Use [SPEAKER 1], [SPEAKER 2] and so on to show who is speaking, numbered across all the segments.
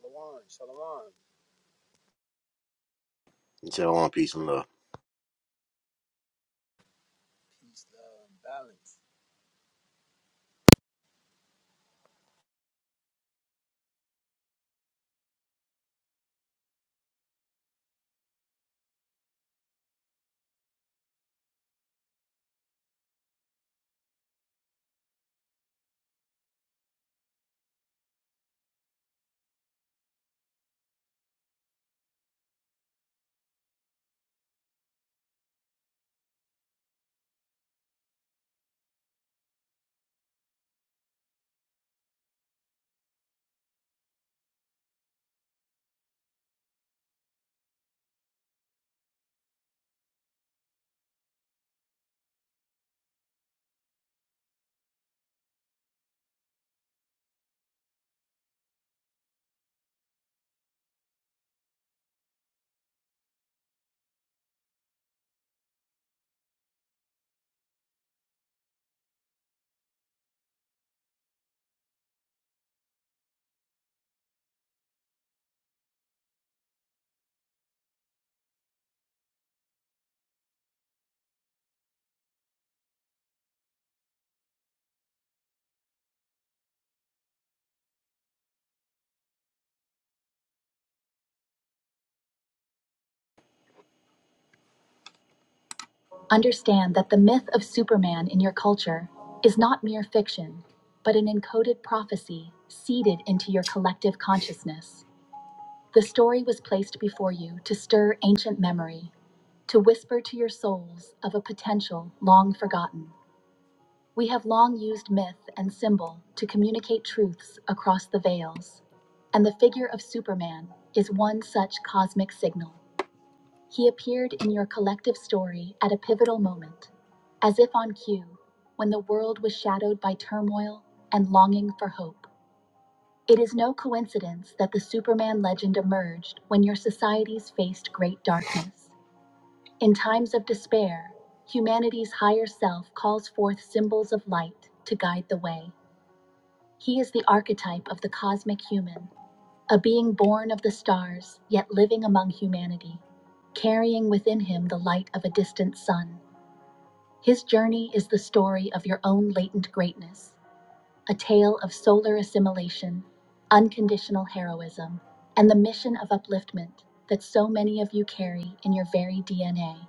[SPEAKER 1] Shalom, shalom.
[SPEAKER 2] Shalom, peace and love.
[SPEAKER 1] Peace, love, and balance.
[SPEAKER 2] Understand that the myth of Superman in your culture is not mere fiction, but an encoded prophecy seeded into your collective consciousness. The story was placed before you to stir ancient memory, to whisper to your souls of a potential long forgotten. We have long used myth and symbol to communicate truths across the veils, and the figure of Superman is one such cosmic signal. He appeared in your collective story at a pivotal moment, as if on cue, when the world was shadowed by turmoil and longing for hope. It is no coincidence that the Superman legend emerged when your societies faced great darkness. In times of despair, humanity's higher self calls forth symbols of light to guide the way. He is the archetype of the cosmic human a being born of the stars, yet living among humanity, carrying within him the light of a distant sun. His journey is the story of your own latent greatness, a tale of solar assimilation, unconditional heroism, and the mission of upliftment that so many of you carry in your very DNA.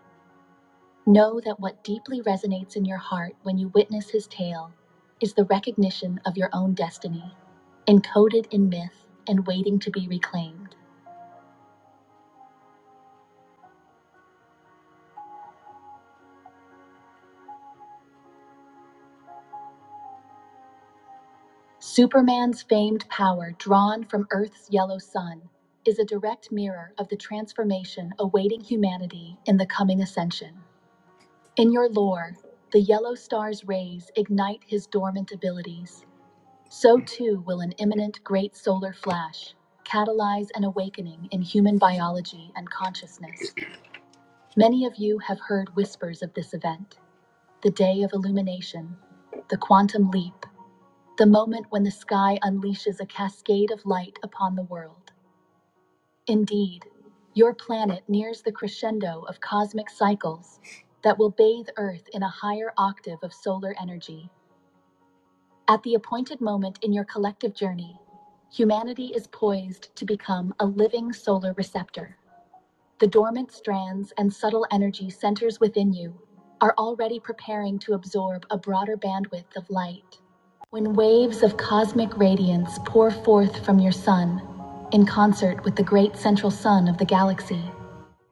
[SPEAKER 2] Know that what deeply resonates in your heart when you witness his tale is the recognition of your own destiny, encoded in myth and waiting to be reclaimed. Superman's famed power, drawn from Earth's yellow sun, is a direct mirror of the transformation awaiting humanity in the coming ascension. In your lore, the yellow star's rays ignite his dormant abilities. So too will an imminent great solar flash catalyze an awakening in human biology and consciousness. Many of you have heard whispers of this event the day of illumination, the quantum leap, the moment when the sky unleashes a cascade of light upon the world. Indeed, your planet nears the crescendo of cosmic cycles that will bathe Earth in a higher octave of solar energy. At the appointed moment in your collective journey, humanity is poised to become a living solar receptor. The dormant strands and subtle energy centers within you are already preparing to absorb a broader bandwidth of light. When waves of cosmic radiance pour forth from your sun, in concert with the great central sun of the galaxy,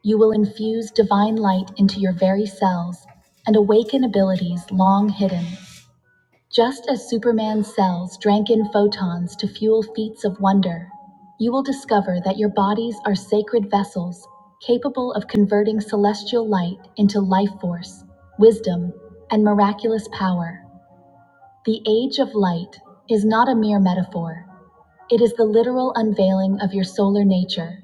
[SPEAKER 2] you will infuse divine light into your very cells and awaken abilities long hidden. Just as Superman's cells drank in photons to fuel feats of wonder, you will discover that your bodies are sacred vessels capable of converting celestial light into life force, wisdom, and miraculous power. The age of light is not a mere metaphor, it is the literal unveiling of your solar nature,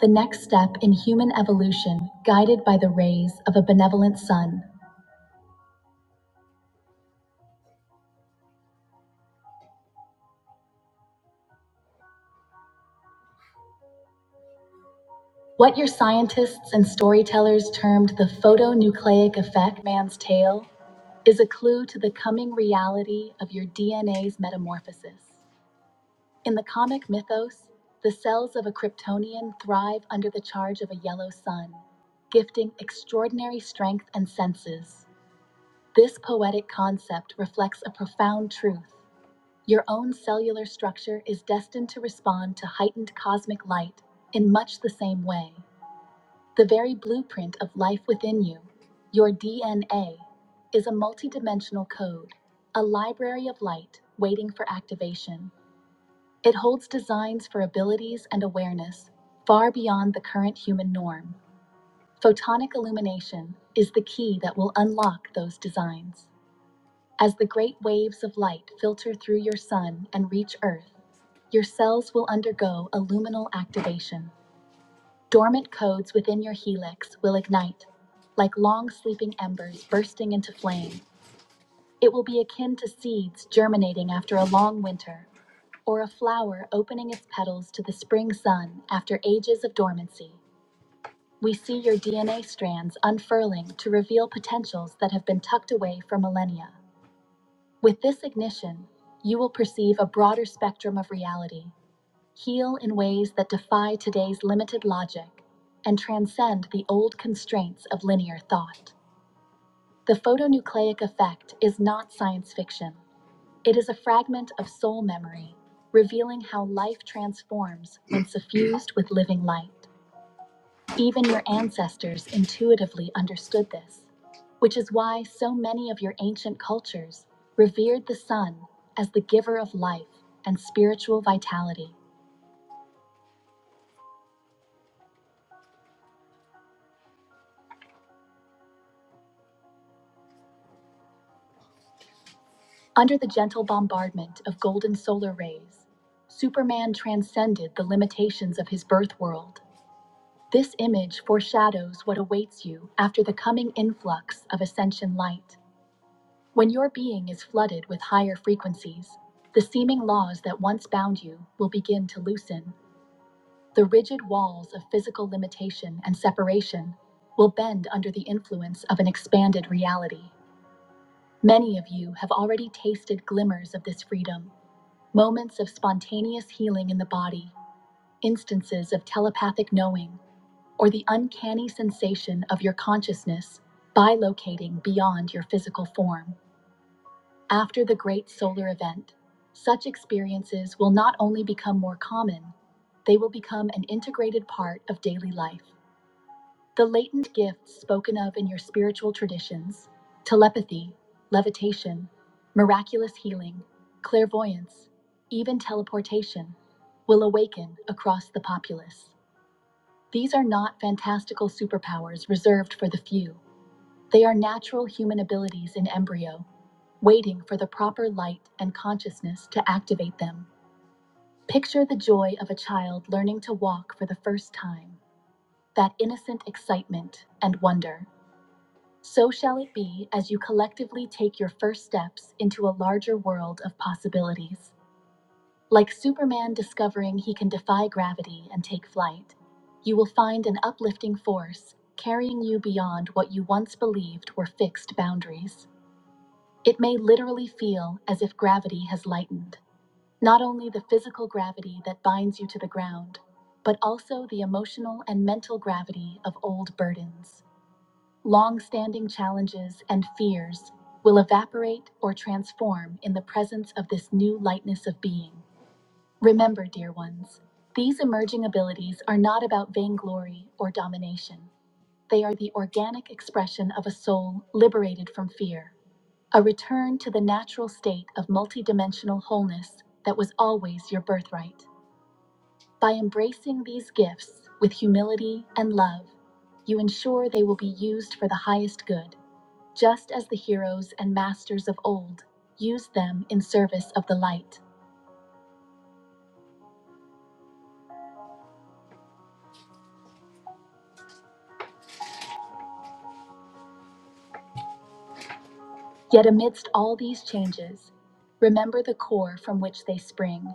[SPEAKER 2] the next step in human evolution guided by the rays of a benevolent sun. What your scientists and storytellers termed the photonucleic effect, man's tale, is a clue to the coming reality of your DNA's metamorphosis. In the comic mythos, the cells of a Kryptonian thrive under the charge of a yellow sun, gifting extraordinary strength and senses. This poetic concept reflects a profound truth. Your own cellular structure is destined to respond to heightened cosmic light in much the same way. The very blueprint of life within you, your DNA, is a multidimensional code, a library of light waiting for activation. It holds designs for abilities and awareness far beyond the current human norm. Photonic illumination is the key that will unlock those designs. As the great waves of light filter through your sun and reach Earth, your cells will undergo a luminal activation. Dormant codes within your helix will ignite, like long sleeping embers bursting into flame. It will be akin to seeds germinating after a long winter, or a flower opening its petals to the spring sun after ages of dormancy. We see your DNA strands unfurling to reveal potentials that have been tucked away for millennia. With this ignition, you will perceive a broader spectrum of reality heal in ways that defy today's limited logic and transcend the old constraints of linear thought. The photonucleic effect is not science fiction, it is a fragment of soul memory, revealing how life transforms when suffused with living light. Even your ancestors intuitively understood this, which is why so many of your ancient cultures revered the sun as the giver of life and spiritual vitality. Under the gentle bombardment of golden solar rays, Superman transcended the limitations of his birth world. This image foreshadows what awaits you after the coming influx of ascension light. When your being is flooded with higher frequencies, the seeming laws that once bound you will begin to loosen. The rigid walls of physical limitation and separation will bend under the influence of an expanded reality. Many of you have already tasted glimmers of this freedom Moments of spontaneous healing in the body, instances of telepathic knowing, or the uncanny sensation of your consciousness bilocating beyond your physical form. After the great solar event, such experiences will not only become more common, they will become an integrated part of daily life. The latent gifts spoken of in your spiritual traditions telepathy, levitation, miraculous healing, clairvoyance, even teleportation will awaken across the populace. These are not fantastical superpowers reserved for the few. They are natural human abilities in embryo, waiting for the proper light and consciousness to activate them. Picture the joy of a child learning to walk for the first time, that innocent excitement and wonder. So shall it be as you collectively take your first steps into a larger world of possibilities. Like Superman discovering he can defy gravity and take flight, you will find an uplifting force carrying you beyond what you once believed were fixed boundaries. It may literally feel as if gravity has lightened, not only the physical gravity that binds you to the ground, but also the emotional and mental gravity of old burdens. Long-standing challenges and fears will evaporate or transform in the presence of this new lightness of being. Remember, dear ones, these emerging abilities are not about vainglory or domination. They are the organic expression of a soul liberated from fear, a return to the natural state of multidimensional wholeness that was always your birthright. By embracing these gifts with humility and love, you ensure they will be used for the highest good just as the heroes and masters of old used them in service of the light. Yet amidst all these changes, remember the core from which they spring.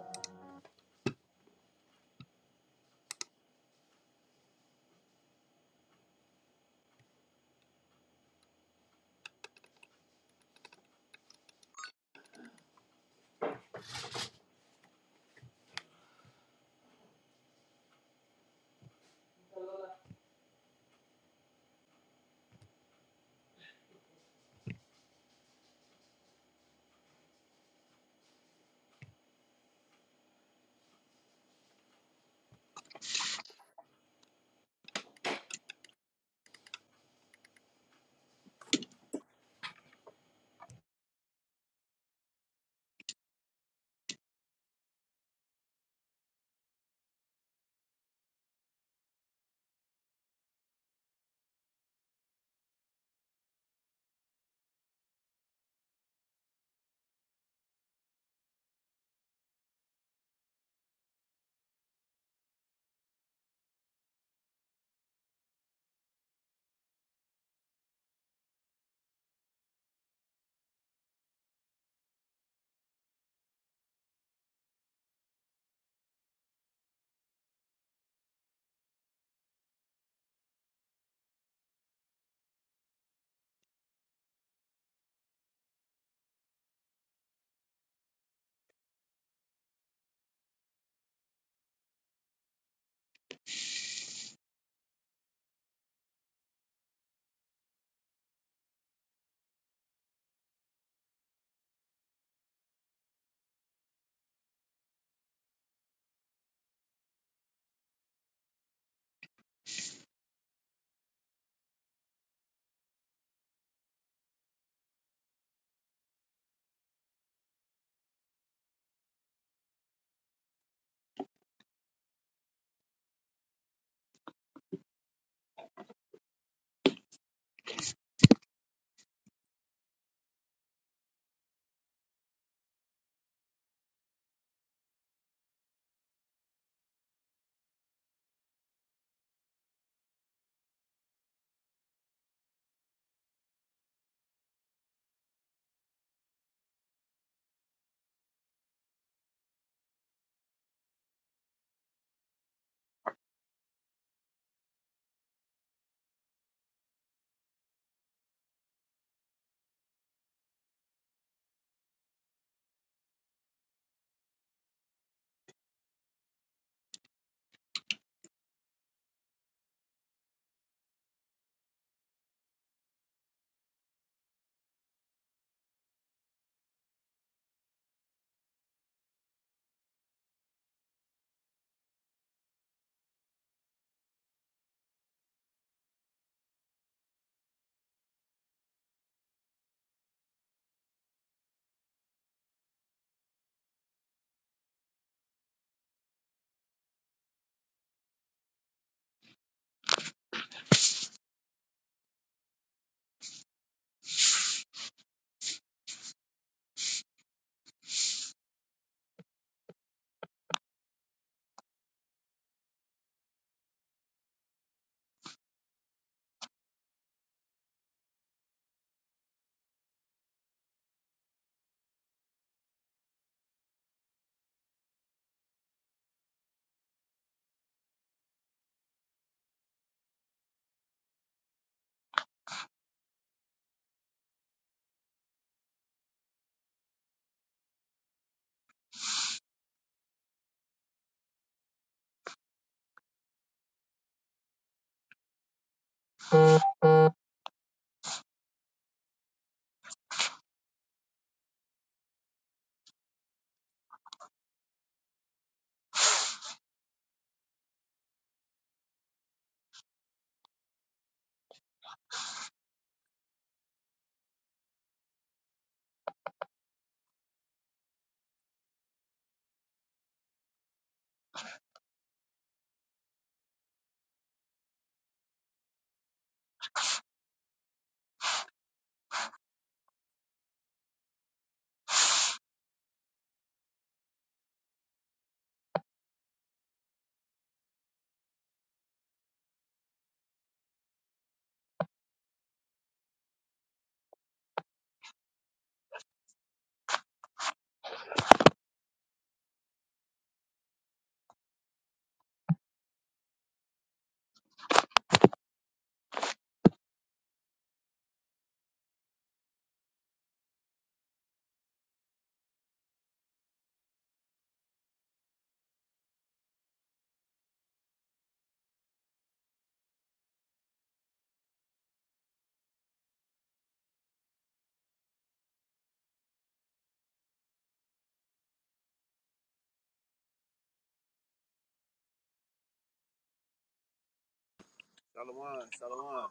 [SPEAKER 1] Shalom, shalom.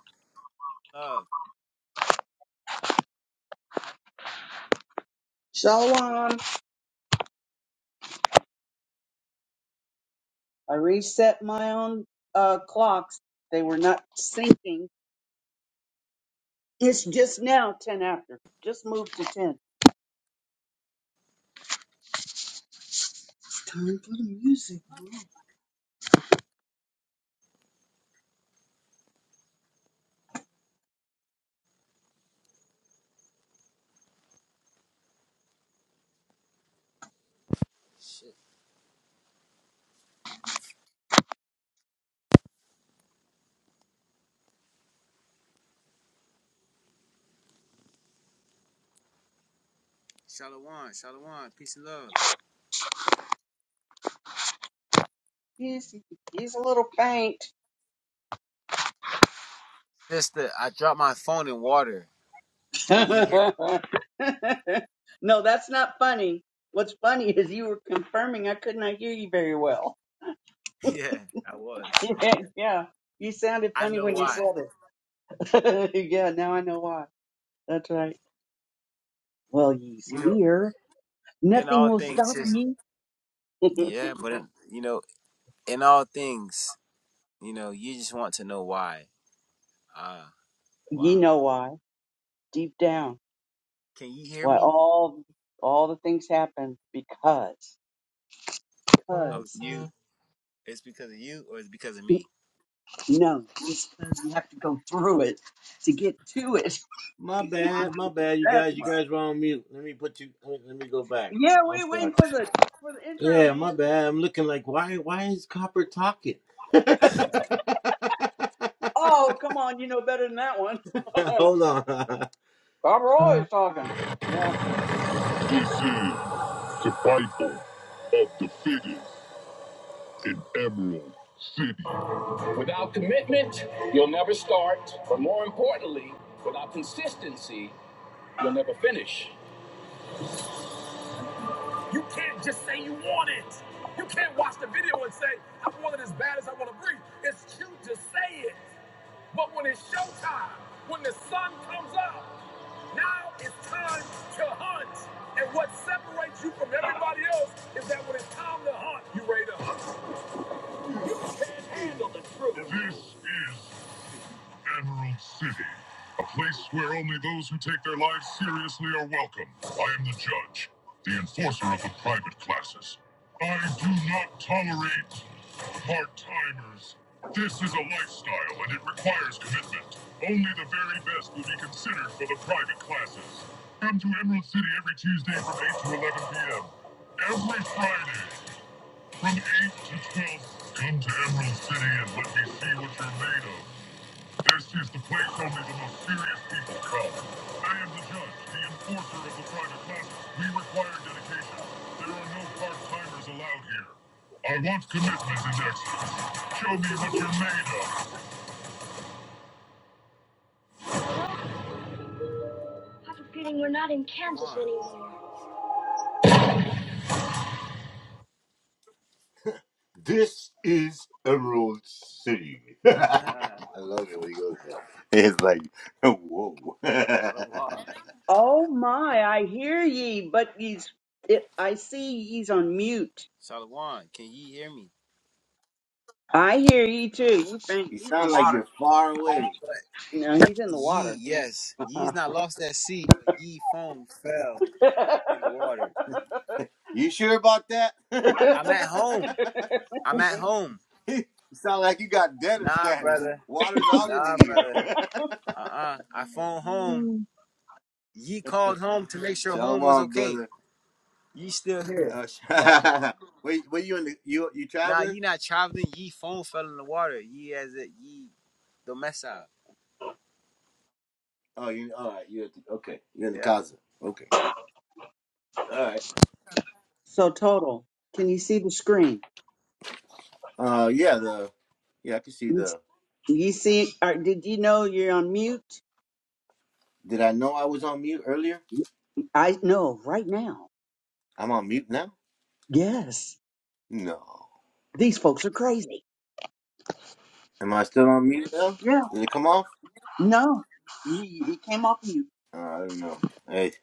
[SPEAKER 1] Love.
[SPEAKER 3] Shalom. I reset my own uh, clocks. They were not syncing. It's just now 10 after. Just moved to 10. It's time for the music. Mom.
[SPEAKER 1] Shit. Shalom, shalom. Peace and love.
[SPEAKER 3] He's, he's a little faint.
[SPEAKER 1] Sister, I dropped my phone in water. Can you hear me?
[SPEAKER 3] no, that's not funny. What's funny is you were confirming I could not hear you very well.
[SPEAKER 1] Yeah, I was.
[SPEAKER 3] Yeah, yeah. You sounded
[SPEAKER 1] I
[SPEAKER 3] funny
[SPEAKER 1] know
[SPEAKER 3] when you said
[SPEAKER 1] why.
[SPEAKER 3] it. yeah, now I know why. That's right. Well, he's
[SPEAKER 1] You know,
[SPEAKER 3] here.
[SPEAKER 1] in
[SPEAKER 3] Nothing
[SPEAKER 1] all
[SPEAKER 3] will
[SPEAKER 1] things,
[SPEAKER 3] stop
[SPEAKER 1] sis.
[SPEAKER 3] me.
[SPEAKER 1] Yeah, but in, you know, in all things, you know, you just want to know why. Ah,
[SPEAKER 3] Ye
[SPEAKER 1] wow.
[SPEAKER 3] know why, deep down,
[SPEAKER 1] Can you hear
[SPEAKER 3] why
[SPEAKER 1] me?
[SPEAKER 3] all all the things happen because
[SPEAKER 1] Of
[SPEAKER 3] because
[SPEAKER 1] you? It's because of you, or it's because of me?
[SPEAKER 3] no, it's because you have to go through it to get to it.
[SPEAKER 2] My bad, my bad, you
[SPEAKER 3] That's
[SPEAKER 2] guys. You
[SPEAKER 3] why.
[SPEAKER 2] guys were on mute. Let me put you. Let me go back. I'm,
[SPEAKER 3] Yeah,
[SPEAKER 2] I'm
[SPEAKER 3] we waiting
[SPEAKER 2] sorry.
[SPEAKER 3] for the for the intro,
[SPEAKER 2] Yeah,
[SPEAKER 3] man.
[SPEAKER 2] my bad. I'm looking like why? Why is Copper talking?
[SPEAKER 3] Oh, come on, you know better than that one. Bob
[SPEAKER 2] Hold on.
[SPEAKER 3] Roy is talking. Yeah.
[SPEAKER 2] This is survival of the fittest in Emerald. Without commitment, you'll never start, but more importantly, without consistency, you'll never finish. You can't just say you want it. You can't watch the video and say, I want it as bad as I want to breathe. It's cute to say it. But when it's showtime, when the sun comes up, now it's time to hunt. And what separates you from everybody else is that when it's time to hunt, you are ready to hunt. You can't handle the truth. This is Emerald City, a place where only those who take their lives seriously are welcome. I am the judge, the enforcer of the private classes. I do not tolerate part-timers. This is a lifestyle and it requires commitment. Only the very best will be considered for the private classes. Come to Emerald City every Tuesday from 8 to 11 p.m. Every Friday from 8 to 12. Come to Emerald City and let me see what you're made of. This is the place only the most serious people come. I am the judge, the enforcer of the private classes. We require dedication. There are no part-timers allowed here. I want commitment and excellence. Show me what you're made of. I have a feeling we're not in Kansas
[SPEAKER 1] Shalom.
[SPEAKER 2] anymore. This is Emerald City. I love it when he goes there. It's like, whoa.
[SPEAKER 1] shalom.
[SPEAKER 3] Oh my, I hear ye, but ye's it, I see ye's on mute.
[SPEAKER 1] Shalom. Can you hear me?
[SPEAKER 3] I hear ye too. You think
[SPEAKER 2] you
[SPEAKER 3] he's in the
[SPEAKER 2] sound like
[SPEAKER 3] water?
[SPEAKER 2] you're far away.
[SPEAKER 1] But
[SPEAKER 3] No, he's in the
[SPEAKER 1] Ye,
[SPEAKER 3] water.
[SPEAKER 1] yes. Ye is not lost at sea, but ye foam fell in the water.
[SPEAKER 2] You sure about
[SPEAKER 1] I'm at home.
[SPEAKER 2] that?
[SPEAKER 1] I'm at home.
[SPEAKER 2] you sound like you got debtor
[SPEAKER 1] Nah,
[SPEAKER 2] status.
[SPEAKER 1] brother.
[SPEAKER 2] Water's all in the
[SPEAKER 1] Nah,
[SPEAKER 2] ear.
[SPEAKER 1] brother. Uh-uh. I phoned home.
[SPEAKER 3] Mm.
[SPEAKER 1] Ye called home to make sure home was
[SPEAKER 2] Shalom,
[SPEAKER 1] okay.
[SPEAKER 2] brother.
[SPEAKER 1] Ye still here.
[SPEAKER 2] Uh, sh- wait, wait, you in the you you
[SPEAKER 1] nah,
[SPEAKER 2] traveling?
[SPEAKER 1] ye not traveling. Ye phone fell in the water. Ye as a ye domesa.
[SPEAKER 2] Oh, you all right? You at the, okay? You're in the
[SPEAKER 1] Yeah.
[SPEAKER 2] casa. Okay. All right.
[SPEAKER 3] So total, can you see the screen?
[SPEAKER 2] Uh, yeah. The yeah, I can see
[SPEAKER 3] You
[SPEAKER 2] the.
[SPEAKER 3] you see, or did you know you're on mute?
[SPEAKER 2] Did I know I was on mute earlier?
[SPEAKER 3] I know right now.
[SPEAKER 2] I'm on mute now.
[SPEAKER 3] Yes,
[SPEAKER 2] No.
[SPEAKER 3] these folks are crazy.
[SPEAKER 2] Am I still on mute now?
[SPEAKER 3] Yeah,
[SPEAKER 2] Did it come off?
[SPEAKER 3] no, you, you came off mute.
[SPEAKER 2] Uh, I don't know. Hey,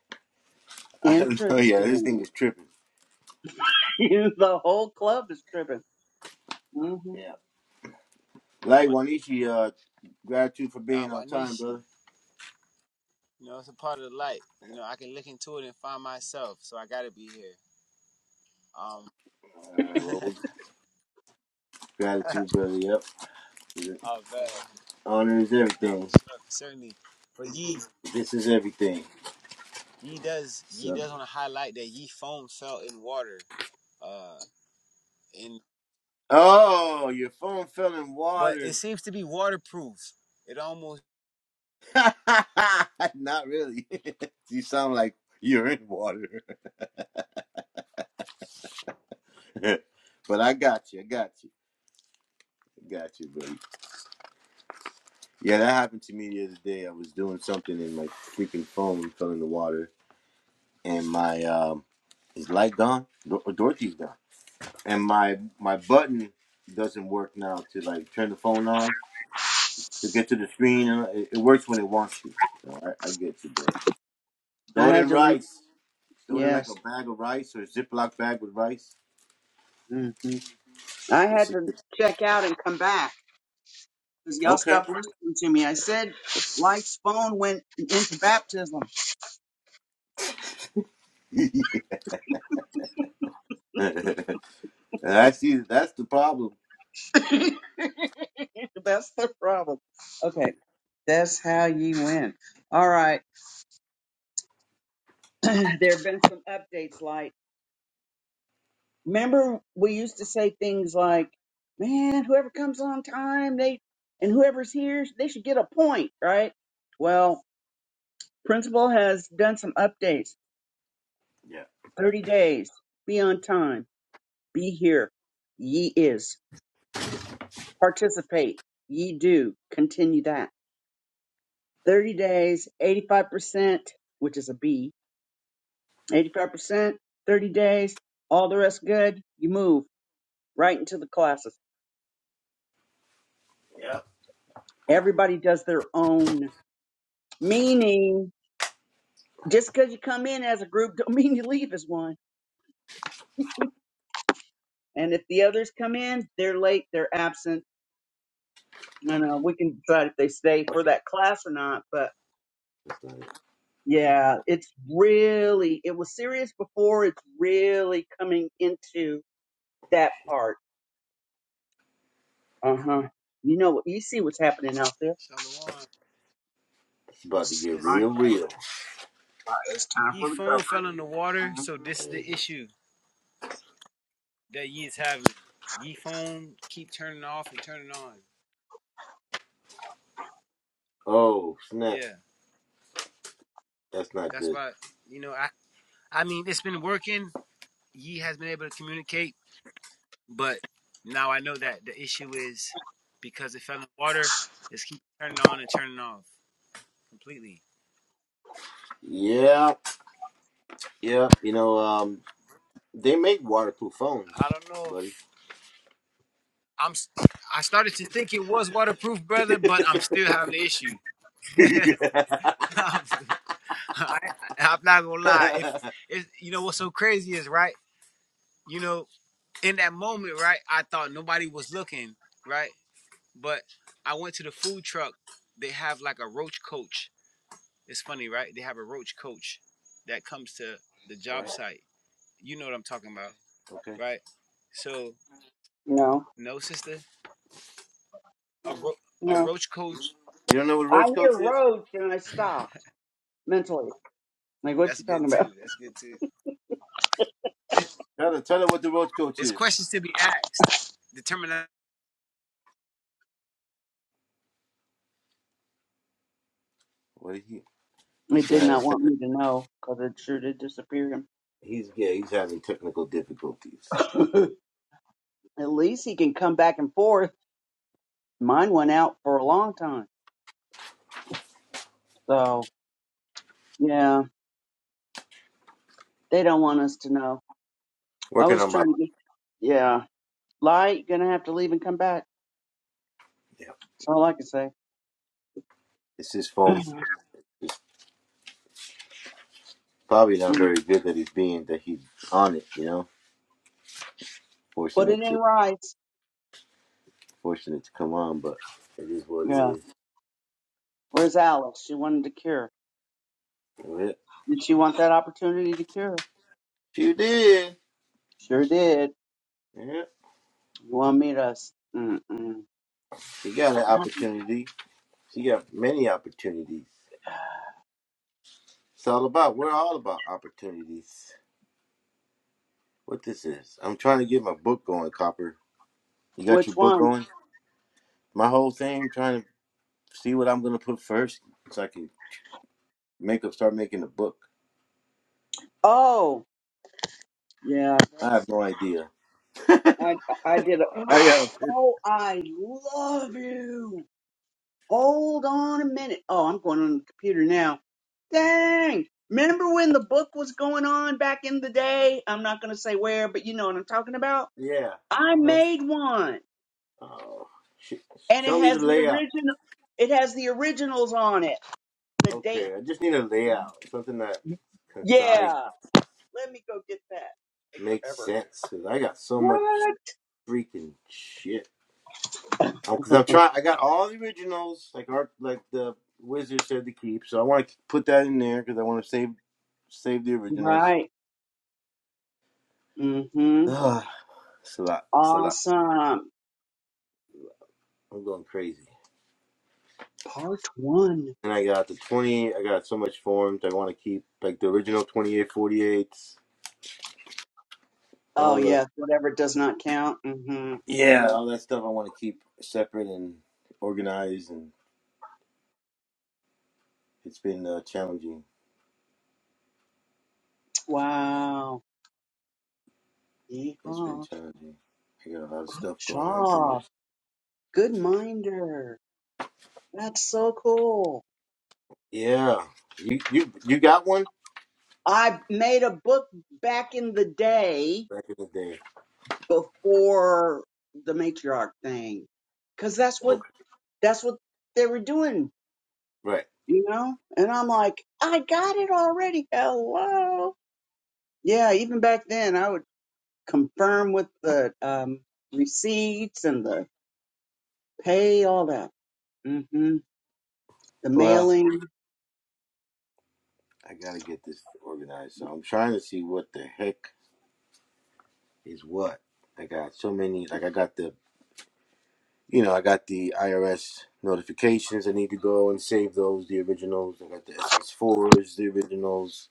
[SPEAKER 2] I don't know. Yeah, this thing
[SPEAKER 3] Interesting.
[SPEAKER 2] is tripping.
[SPEAKER 3] the whole club is tripping. hmm
[SPEAKER 2] Yeah. Like
[SPEAKER 1] Wa-
[SPEAKER 2] Wanishi, uh, gratitude for
[SPEAKER 1] Nah,
[SPEAKER 2] being on time,
[SPEAKER 1] wanishi.
[SPEAKER 2] brother.
[SPEAKER 1] You know, it's a part of the light. You know, I can look into it and find myself. So I gotta be here. Um,
[SPEAKER 2] All right. Well, we. Gratitude, brother. Yep.
[SPEAKER 1] oh, man.
[SPEAKER 2] Honor is
[SPEAKER 1] Now for
[SPEAKER 2] everything.
[SPEAKER 1] sure, for certainly. But ye
[SPEAKER 2] This is everything.
[SPEAKER 1] ye does ye
[SPEAKER 2] So.
[SPEAKER 1] does want to highlight that ye foam fell in water. Uh in
[SPEAKER 2] Oh, your phone fell in
[SPEAKER 1] but it
[SPEAKER 2] water.
[SPEAKER 1] seems to be waterproof. It almost
[SPEAKER 2] Not really. you sound like you're in water. but I got you. I got you. I got you, buddy. Yeah, that happened to me the other day. I was doing something and my freaking phone fell in the water and my um is light gone? Dor- Dorothy's gone. And my my button doesn't work now to like turn the phone on. to get to the screen. And it, it works when it wants to. So I, I get you, dog.
[SPEAKER 3] I
[SPEAKER 2] Throw it
[SPEAKER 3] had
[SPEAKER 2] in
[SPEAKER 3] to leave.
[SPEAKER 2] rice. Throw it in like a
[SPEAKER 3] Yes.
[SPEAKER 2] bag of rice or a Ziploc bag with rice.
[SPEAKER 3] hmm I
[SPEAKER 2] That's
[SPEAKER 3] had
[SPEAKER 2] a
[SPEAKER 3] to check out and come back because y'all
[SPEAKER 2] Okay.
[SPEAKER 3] stopped listening to me. I said Life's phone went into baptism.
[SPEAKER 2] I see. That's the problem.
[SPEAKER 3] That's the problem. Okay. That's how you win. All right. there have been some updates like, remember we used to say things like, man, whoever comes on time, they, and whoever's here, they should get a point, right? Well, principal has done some updates.
[SPEAKER 2] Yeah.
[SPEAKER 3] 30 days. Be on time. Be here. Ye is. Participate. Ye do. Continue that. 30 days, 85%, which is a B 85 percent, 30 days, all the rest good. You move right into the classes.
[SPEAKER 2] Yeah.
[SPEAKER 3] Everybody does their own, meaning just because you come in as a group don't mean you leave as one. And if the others come in, they're late, they're absent, and uh, we can decide if they stay for
[SPEAKER 2] Okay,
[SPEAKER 3] that class or not. But yeah, it's really it was serious before. It's really coming into that part. Uh huh. You know You see what's happening out there.
[SPEAKER 1] Shalom,
[SPEAKER 2] it's about to get
[SPEAKER 1] sisters
[SPEAKER 3] Right,
[SPEAKER 2] real,
[SPEAKER 1] and brothers.
[SPEAKER 2] real.
[SPEAKER 3] right, It's time
[SPEAKER 1] Ye
[SPEAKER 3] for
[SPEAKER 1] foam
[SPEAKER 3] recovery.
[SPEAKER 1] fell in the water, so
[SPEAKER 3] Mhm.
[SPEAKER 1] this is the issue that ye is having. Ye foam keep turning off and turning on.
[SPEAKER 2] Oh snap!
[SPEAKER 1] Yeah.
[SPEAKER 2] That's not
[SPEAKER 1] That's
[SPEAKER 2] good.
[SPEAKER 1] why you know, I I mean it's been working. Ye has been able to communicate But now I know that the issue is because it fell in the water, it's keep turning on and turning off completely.
[SPEAKER 2] Yeah, yeah. You know, um, they make waterproof phones,
[SPEAKER 1] I don't know
[SPEAKER 2] buddy.
[SPEAKER 1] if I'm. s- i am I started to think it was waterproof, brother, but I'm still having an issue. I'm, I, am not gonna lie. If, if you know what's so crazy is right. You know, in that moment, right, I thought nobody was looking, right, but I went to the food truck. They have like a roach coach It's funny, right? They have a roach coach that comes to the job
[SPEAKER 2] right.
[SPEAKER 1] site. You know what I'm talking about,
[SPEAKER 2] Okay.
[SPEAKER 1] right? So,
[SPEAKER 3] No,
[SPEAKER 1] no, sister, a, ro- a
[SPEAKER 3] no.
[SPEAKER 1] roach coach.
[SPEAKER 2] You don't know what
[SPEAKER 3] I
[SPEAKER 2] roach
[SPEAKER 3] hear
[SPEAKER 2] coach is?
[SPEAKER 3] roads and I stopped mentally. Like, what
[SPEAKER 1] That's
[SPEAKER 3] you talking
[SPEAKER 1] good too.
[SPEAKER 3] about?
[SPEAKER 1] That's good too. It,
[SPEAKER 2] Tell her, tell her what the roach coach
[SPEAKER 1] it's
[SPEAKER 2] is.
[SPEAKER 1] questions to be asked. Determination.
[SPEAKER 2] Well, he, he's
[SPEAKER 3] It
[SPEAKER 2] still
[SPEAKER 3] did
[SPEAKER 2] having
[SPEAKER 3] not want
[SPEAKER 2] technical.
[SPEAKER 3] me to know because it sure did disappear him.
[SPEAKER 2] He's yeah, he's having technical difficulties.
[SPEAKER 3] At least he can come back and forth. Mine went out for a long time. So, yeah, they don't want us to know. I
[SPEAKER 2] Working
[SPEAKER 3] was
[SPEAKER 2] on my
[SPEAKER 3] trying to get, yeah. Light, gonna have to leave and come back.
[SPEAKER 2] yeah.
[SPEAKER 3] That's all I can say.
[SPEAKER 2] It's his phone. Probably not
[SPEAKER 3] Mm.
[SPEAKER 2] very good that he's being that he's on it. You know,
[SPEAKER 3] Put
[SPEAKER 2] forcing
[SPEAKER 3] it
[SPEAKER 2] it
[SPEAKER 3] in
[SPEAKER 2] to
[SPEAKER 3] rice.
[SPEAKER 2] forcing it to come on, but it is what it
[SPEAKER 3] Yeah.
[SPEAKER 2] is.
[SPEAKER 3] Where's Alice? She wanted to cure.
[SPEAKER 2] Yep.
[SPEAKER 3] Did she want that opportunity to cure?
[SPEAKER 2] She did.
[SPEAKER 3] Sure did.
[SPEAKER 2] Yeah,
[SPEAKER 3] You want me to? s- Mm-mm.
[SPEAKER 2] she got an opportunity. She got many opportunities. It's all about. We're all about opportunities. What this is? I'm trying to get my book going, Copper. You got
[SPEAKER 3] Which
[SPEAKER 2] your book
[SPEAKER 3] one?
[SPEAKER 2] going? My whole thing trying to see what I'm gonna put first, so I can make up, start making a book.
[SPEAKER 3] Oh, yeah.
[SPEAKER 2] I have
[SPEAKER 3] That's,
[SPEAKER 2] no idea.
[SPEAKER 3] I I did a.
[SPEAKER 2] I got to picture.
[SPEAKER 3] Oh, I love you. Hold on a minute. Oh, I'm going on the computer now. Dang. Remember when the book was going on back in the day? I'm not going to say where, but you know what I'm talking about.
[SPEAKER 2] Yeah.
[SPEAKER 3] I
[SPEAKER 2] Uh huh.
[SPEAKER 3] made one,
[SPEAKER 2] Oh, sh-
[SPEAKER 3] and it
[SPEAKER 2] show me
[SPEAKER 3] has
[SPEAKER 2] the
[SPEAKER 3] the
[SPEAKER 2] layout.
[SPEAKER 3] original. It has the originals on it. The date.
[SPEAKER 2] Okay, I just need a layout, something that concise,
[SPEAKER 3] Yeah. Let me go get that. Take
[SPEAKER 2] makes
[SPEAKER 3] forever.
[SPEAKER 2] sense. Cause I got so much
[SPEAKER 3] What?
[SPEAKER 2] freaking shit. Oh, Cause I'm trying. I got all the originals, like art, like the wizard said to keep. So I want to put that in there because I want to save, save the originals.
[SPEAKER 3] Right. Mm-hmm.
[SPEAKER 2] Ah, it's a lot. It's a lot.
[SPEAKER 3] Awesome.
[SPEAKER 2] I'm going crazy.
[SPEAKER 3] Part one.
[SPEAKER 2] And I got the 20. I got so much forms. I want to keep like the original 28, forty-eights.
[SPEAKER 3] Oh
[SPEAKER 2] all the
[SPEAKER 3] yes. whatever does not count. Mm-hmm.
[SPEAKER 2] yeah,
[SPEAKER 3] Mm-hmm.
[SPEAKER 2] all that stuff. I want to keep separate and organized. And it's been uh, challenging.
[SPEAKER 3] Wow.
[SPEAKER 2] It's been
[SPEAKER 3] Yeehaw.
[SPEAKER 2] challenging. I got a lot of stuff going on too
[SPEAKER 3] Shaw.
[SPEAKER 2] much.
[SPEAKER 3] Good minder. That's so cool.
[SPEAKER 2] Yeah, you you you got one
[SPEAKER 3] I made a book back in the day
[SPEAKER 2] back in the day.
[SPEAKER 3] before the matriarch thing. Cause that's what
[SPEAKER 2] Okay,
[SPEAKER 3] that's what they were doing,
[SPEAKER 2] right.
[SPEAKER 3] you know? And I'm like, I got it already. Hello. Yeah, even back then, I would confirm with the um, receipts and the pay, all that. hmm The
[SPEAKER 2] Well,
[SPEAKER 3] mailing.
[SPEAKER 2] I gotta get this organized. So I'm trying to see what the heck is what. I got so many. Like I got the you know, I got the IRS notifications. I need to go and save those, the originals. I got the SS4s, the originals.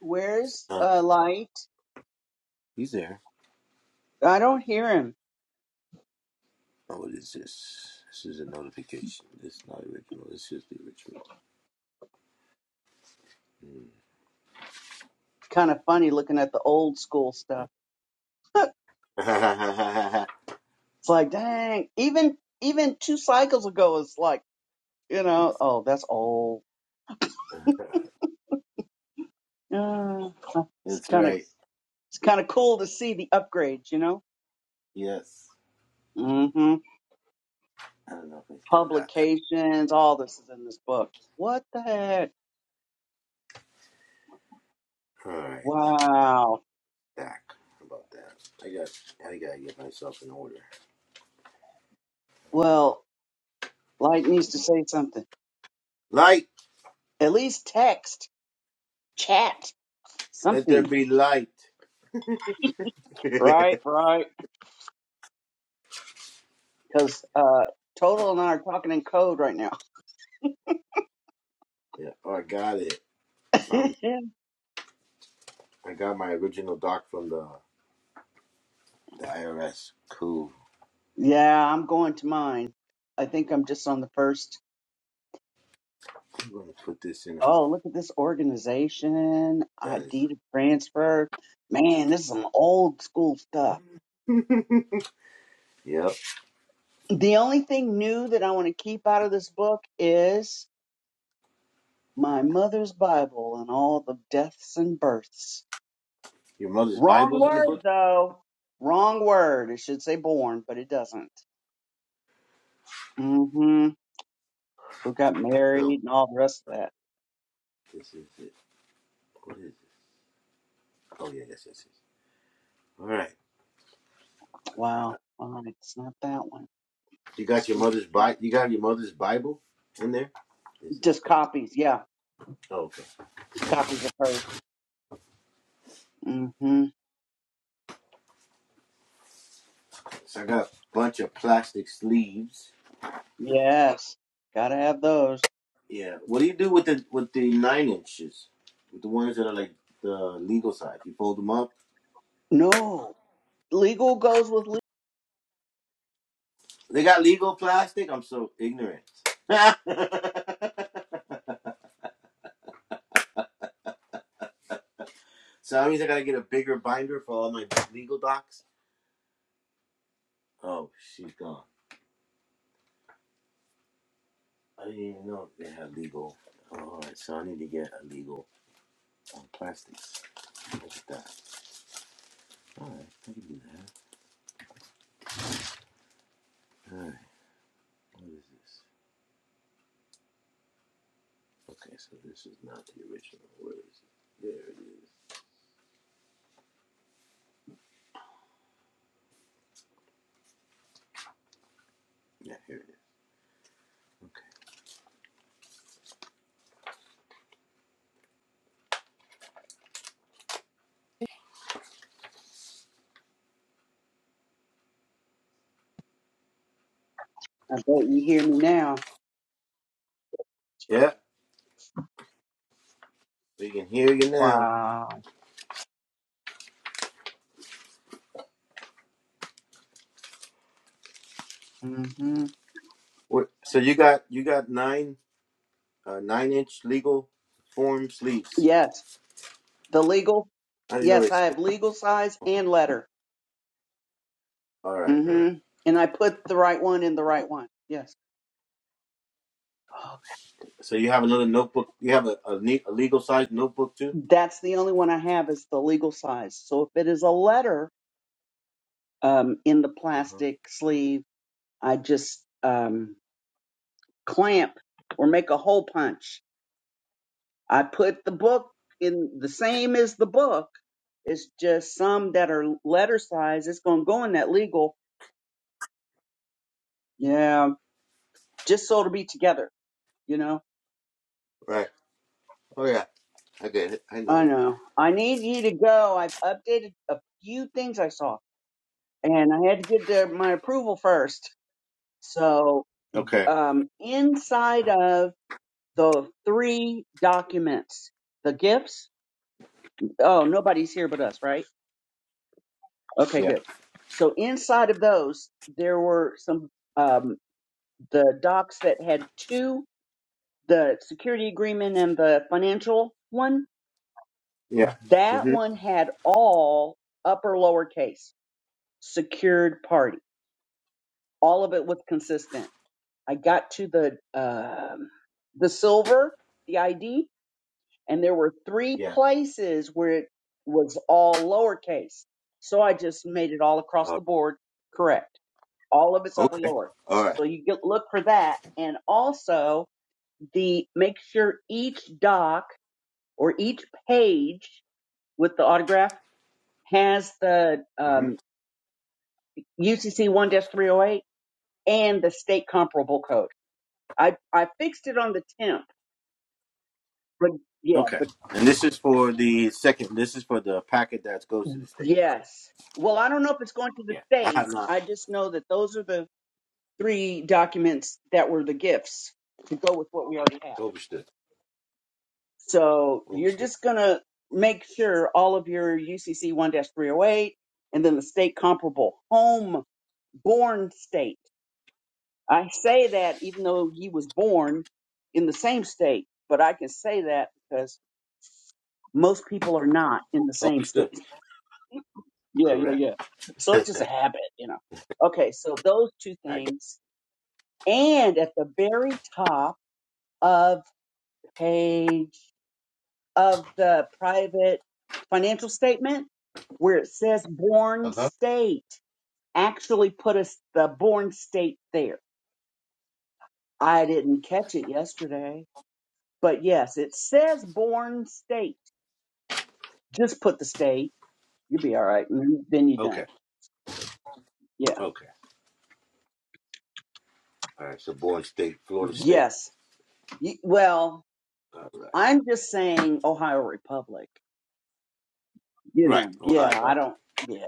[SPEAKER 3] Where's
[SPEAKER 2] Uh,
[SPEAKER 3] uh, light?
[SPEAKER 2] he's there.
[SPEAKER 3] I don't hear him.
[SPEAKER 2] Oh, what is this? This is a notification. This is not original. This is the original.
[SPEAKER 3] Kind of funny looking at the old school stuff.
[SPEAKER 2] Mm.
[SPEAKER 3] It's like, dang, even even two cycles ago, it's like, you know, oh, that's old. Uh, it's
[SPEAKER 2] That's
[SPEAKER 3] kind of
[SPEAKER 2] right.
[SPEAKER 3] it's kind of cool to see the upgrades, you know.
[SPEAKER 2] Yes.
[SPEAKER 3] hmm
[SPEAKER 2] I don't know if I still got that.
[SPEAKER 3] Publications, all this is in this book. What the heck?
[SPEAKER 2] All right.
[SPEAKER 3] Wow.
[SPEAKER 2] Back about that. I got. I gotta get myself in order.
[SPEAKER 3] Well, Light needs to say something.
[SPEAKER 2] Light.
[SPEAKER 3] At least text, chat,
[SPEAKER 2] Let there
[SPEAKER 3] something.
[SPEAKER 2] be light. yeah.
[SPEAKER 3] Right, right. Because uh, Total and I are talking in code right now.
[SPEAKER 2] Oh, I got it. I found. I got my original doc from the The IRS. Cool.
[SPEAKER 3] yeah, I'm going to mine. I think I'm just on the first.
[SPEAKER 2] I'm gonna put this in. A,
[SPEAKER 3] Oh, look at this organization.
[SPEAKER 2] that
[SPEAKER 3] ID
[SPEAKER 2] is.
[SPEAKER 3] deed transfer. Man, this is some old school stuff.
[SPEAKER 2] Yep.
[SPEAKER 3] The only thing new that I want to keep out of this book is my mother's Bible and all the deaths and births.
[SPEAKER 2] Your mother's
[SPEAKER 3] Wrong
[SPEAKER 2] Bible's in the
[SPEAKER 3] word
[SPEAKER 2] book.
[SPEAKER 3] though. Wrong word. It should say born, but it doesn't. Mm-hmm. Who got married
[SPEAKER 2] Girl,
[SPEAKER 3] and all the rest of that.
[SPEAKER 2] this is it. What is this? Oh yeah, yes, yes, yes. All right.
[SPEAKER 3] Wow. All right, it's not that one.
[SPEAKER 2] You
[SPEAKER 3] Let's
[SPEAKER 2] got your
[SPEAKER 3] do
[SPEAKER 2] mother's Bible. You got your mother's Bible in there. This is
[SPEAKER 3] just
[SPEAKER 2] good.
[SPEAKER 3] copies. Yeah,
[SPEAKER 2] Oh, okay.
[SPEAKER 3] copies of her. Mm-hmm.
[SPEAKER 2] So I got a bunch of plastic sleeves.
[SPEAKER 3] Yes. Gotta have those.
[SPEAKER 2] Yeah. What do you do with the with the nine inches? With the ones that are like the legal size? You fold them up.
[SPEAKER 3] No. Legal goes with legal.
[SPEAKER 2] They got legal plastic. I'm so ignorant. so that means I gotta get a bigger binder for all my legal docs. Oh, she's gone. I didn't even know they had legal. All right, so I need to get a legal on plastics. Look at that. All right, I can do that. What is this? Okay, so this is not the original. Where is it? There it is. Yeah, here it is. Okay.
[SPEAKER 3] I bet you hear me now. Gee.
[SPEAKER 2] Yeah, we can hear you now.
[SPEAKER 3] Wow. Mm-hmm.
[SPEAKER 2] What- So you got you got nine uh, nine inch legal form sleeves.
[SPEAKER 3] Yes. The legal.
[SPEAKER 2] I didn't know
[SPEAKER 3] Yes,
[SPEAKER 2] they.
[SPEAKER 3] I
[SPEAKER 2] Sold.
[SPEAKER 3] have legal size and letter.
[SPEAKER 2] All right, all right.
[SPEAKER 3] Mm-hmm. And I put the right one in the right one. Yes. okay.
[SPEAKER 2] So you have another notebook. You have a a, ne- a legal size notebook too.
[SPEAKER 3] That's the only one I have is the legal size. So if it is a letter um, in the plastic sleeve, I just um, clamp or make a hole punch. I put the book in the same as the book. It's just some that are letter size. It's going to go in that legal. Yeah. Just so it'll be together, you know?
[SPEAKER 2] Right. Oh yeah. Okay, I know
[SPEAKER 3] I
[SPEAKER 2] it.
[SPEAKER 3] know. I need you to go. I've updated a few things I saw and I had to get their, my approval first. So,
[SPEAKER 2] Okay.
[SPEAKER 3] um, inside of the three documents, the gifts, oh, nobody's here but us, right? Okay,
[SPEAKER 2] Yeah.
[SPEAKER 3] good. So, inside of those, there were some, um, the docs that had two, the security agreement and the financial one.
[SPEAKER 2] Yeah.
[SPEAKER 3] That
[SPEAKER 2] hmm
[SPEAKER 3] one had all upper lowercase secured party. All of it was consistent I got to the um the silver, the ID, and there were three
[SPEAKER 2] Yeah.
[SPEAKER 3] places where it was all lowercase. So I just made it all across
[SPEAKER 2] Uh,
[SPEAKER 3] the board correct. All of it's upper
[SPEAKER 2] okay.
[SPEAKER 3] lower.
[SPEAKER 2] All right.
[SPEAKER 3] So you get, look for that, and also the make sure each doc or each page with the autograph has the
[SPEAKER 2] Mm-hmm.
[SPEAKER 3] um, UCC one dash three hundred eight and the state comparable code. I I fixed it on the temp, but yeah,
[SPEAKER 2] Okay. And this is for the second. This is for the packet that goes to the state, right?
[SPEAKER 3] Yes. Well, I don't know if it's going to the
[SPEAKER 2] Yeah. I
[SPEAKER 3] state.
[SPEAKER 2] have not
[SPEAKER 3] I just know that those are the three documents that were the gifts to go with what we already have.
[SPEAKER 2] overstood.
[SPEAKER 3] So you're
[SPEAKER 2] Overstood.
[SPEAKER 3] just going to make sure all of your UCC 1 308 and then the state comparable home born state. I say that even though he was born in the same state, but I can say that because most people are not in the same state.
[SPEAKER 2] Overstood.
[SPEAKER 3] Yeah, yeah,
[SPEAKER 2] Correct.
[SPEAKER 3] yeah. So it's just a habit, you know. Okay, so those two
[SPEAKER 2] I got.
[SPEAKER 3] things. And at the very top of page of the private financial statement, where it says
[SPEAKER 2] Uh
[SPEAKER 3] born
[SPEAKER 2] huh.
[SPEAKER 3] state, actually put us the born state there. I didn't catch it yesterday, but yes, it says born state. Just put the state. You'll be all right. and Then you're done.
[SPEAKER 2] Okay.
[SPEAKER 3] Yeah.
[SPEAKER 2] Okay. All right. So, born state, Florida state.
[SPEAKER 3] Yes. You- Well,
[SPEAKER 2] All right.
[SPEAKER 3] I'm just saying Ohio Republic. You
[SPEAKER 2] Right.
[SPEAKER 3] know,
[SPEAKER 2] Ohio.
[SPEAKER 3] yeah, I
[SPEAKER 2] Right.
[SPEAKER 3] don't, yeah.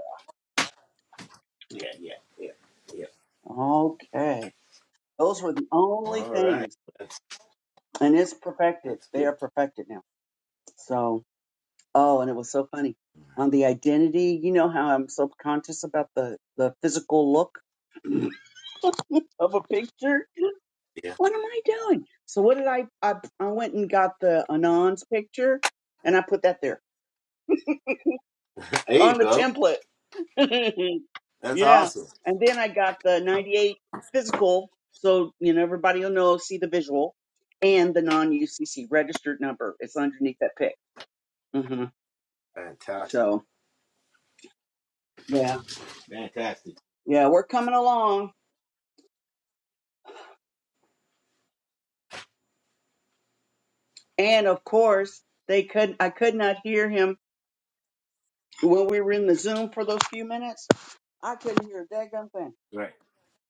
[SPEAKER 2] Yeah. Yeah. Yeah. Yeah.
[SPEAKER 3] Okay. Those were the only
[SPEAKER 2] All right.
[SPEAKER 3] things.
[SPEAKER 2] That's
[SPEAKER 3] And it's perfected.
[SPEAKER 2] that's
[SPEAKER 3] They
[SPEAKER 2] good.
[SPEAKER 3] are perfected now. So, oh, and it was so funny. On the identity, you know how I'm so conscious about the, the physical look of a picture?
[SPEAKER 2] Yeah.
[SPEAKER 3] What am I doing? So what did I, I, I went and got the Anons picture and I put that there
[SPEAKER 2] There you
[SPEAKER 3] on the
[SPEAKER 2] go.
[SPEAKER 3] template.
[SPEAKER 2] That's
[SPEAKER 3] yeah.
[SPEAKER 2] awesome.
[SPEAKER 3] And then I got the 98 physical. So, you know, everybody will know, see the visual and the non UCC registered number. It's underneath that pic. hmm
[SPEAKER 2] Fantastic.
[SPEAKER 3] So, yeah.
[SPEAKER 2] Fantastic.
[SPEAKER 3] Yeah. We're coming along. And of course, they could, I could not hear him when we were in the Zoom for those few minutes. I couldn't hear a daggone thing.
[SPEAKER 2] Right.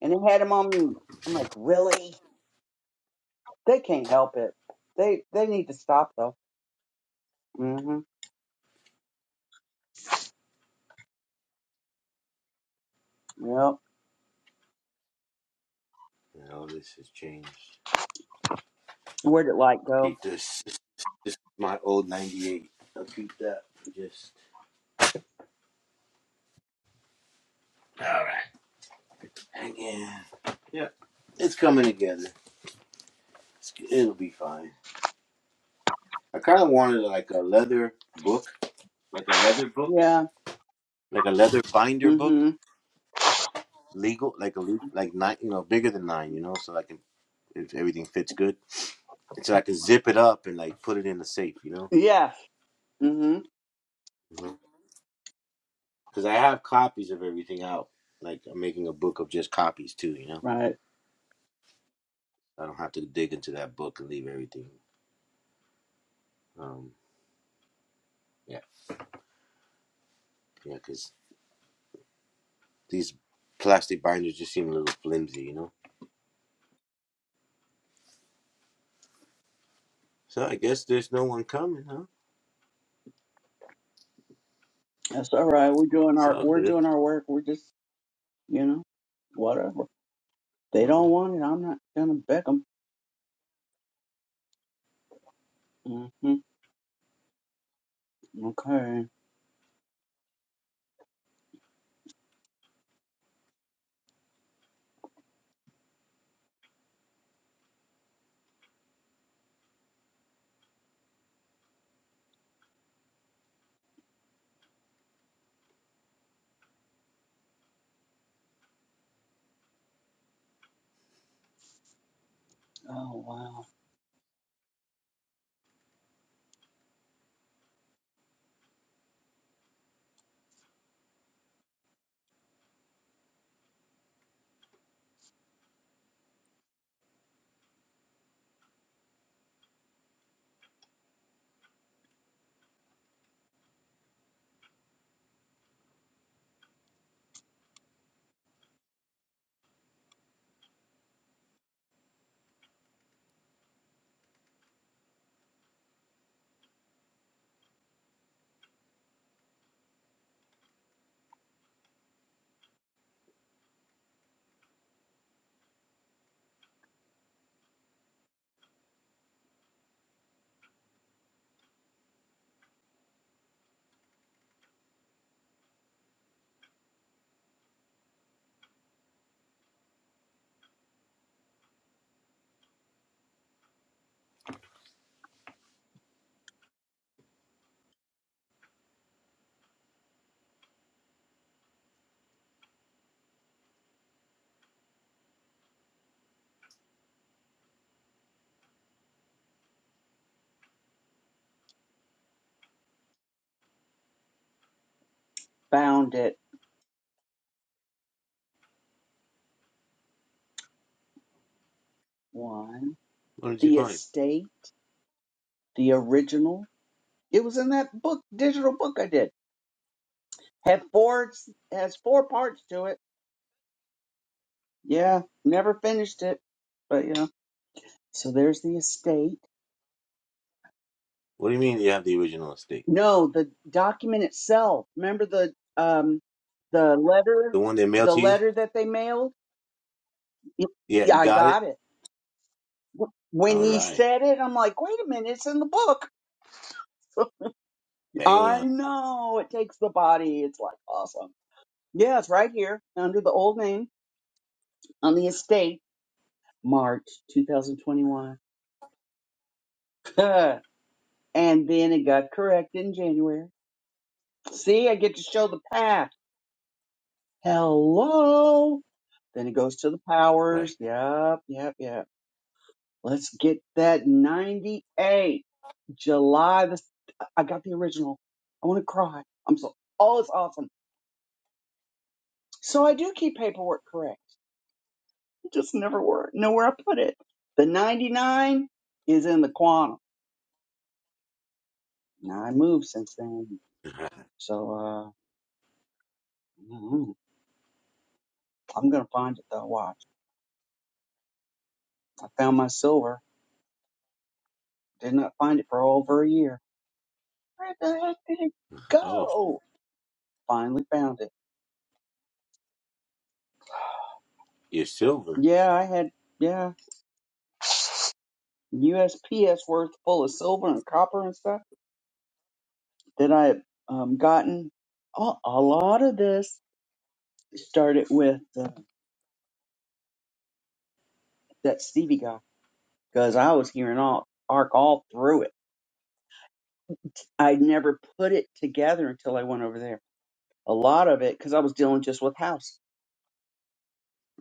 [SPEAKER 3] And they had him on mute. I'm like, really? They can't help it. They, they need to stop though. hmm Yep.
[SPEAKER 2] And All this has changed.
[SPEAKER 3] Where'd it like go?
[SPEAKER 2] Keep this. This, this is my old 98. I'll keep that for just hanging. Yeah, it's coming together. It's, it'll be fine. I kind of wanted like a leather book, like a leather book,
[SPEAKER 3] Yeah.
[SPEAKER 2] like a leather binder book,
[SPEAKER 3] Mm-hmm.
[SPEAKER 2] legal, like a le- like nine, you know, bigger than nine, you know, so I can if everything fits good, and so I can zip it up and like put it in the safe, you
[SPEAKER 3] Yes. Mm-hmm.
[SPEAKER 2] know, because I have copies of everything out. Like I'm making a book of just copies too, you know.
[SPEAKER 3] Right.
[SPEAKER 2] I don't have to dig into that book and leave everything. Um, yeah, yeah, because these plastic binders just seem a little flimsy, you know. So I guess there's no one coming, huh?
[SPEAKER 3] That's all right. We're doing
[SPEAKER 2] It's
[SPEAKER 3] our
[SPEAKER 2] all
[SPEAKER 3] we're
[SPEAKER 2] good.
[SPEAKER 3] doing our work. We're just you know whatever they don't
[SPEAKER 2] Mhm.
[SPEAKER 3] want it. I'm not gonna beg them. Mm-hmm. Okay. Oh wow. Found it. One.
[SPEAKER 2] What did you
[SPEAKER 3] The
[SPEAKER 2] find?
[SPEAKER 3] estate. The original. It was in that book, digital book I did. Had four. Has four parts to it. Yeah. Never finished it. But you know. So there's the estate.
[SPEAKER 2] What do you mean you have the original estate?
[SPEAKER 3] No, the document itself. Remember the um the letter
[SPEAKER 2] The one they mailed
[SPEAKER 3] the
[SPEAKER 2] to you?
[SPEAKER 3] letter that they mailed? Y-
[SPEAKER 2] Yeah,
[SPEAKER 3] Yeah,
[SPEAKER 2] you
[SPEAKER 3] I
[SPEAKER 2] got
[SPEAKER 3] got
[SPEAKER 2] it.
[SPEAKER 3] it. When
[SPEAKER 2] All
[SPEAKER 3] you
[SPEAKER 2] right.
[SPEAKER 3] said it, I'm like, wait a minute, it's in the book. I
[SPEAKER 2] Bam.
[SPEAKER 3] know it takes the body. It's like awesome. Yeah, it's right here under the old name on the estate, March 2021. and then it got correct in January. See, I get to show the path. Hello. Then it goes to the powers.
[SPEAKER 2] Right.
[SPEAKER 3] Yep, yep, yep. Let's get that 98. July the I got the original. I want to cry. I'm so oh it's awesome. So I do keep paperwork correct. I just never wor know where I put it. The 99 is in the quantum. Now I moved since then. So uh mm, I'm gonna find it though. Watch. I found my silver. Did not find it for over a year. Where the heck did it
[SPEAKER 2] oh,
[SPEAKER 3] go? Finally found it.
[SPEAKER 2] you're silver.
[SPEAKER 3] Yeah, I had yeah USPS worth full of silver and copper and stuff that I had um, gotten. A, a lot of this started with uh, that Stevie guy because I was hearing all arc all through it. I never put it together until I went over there. A lot of it because I was dealing just with house.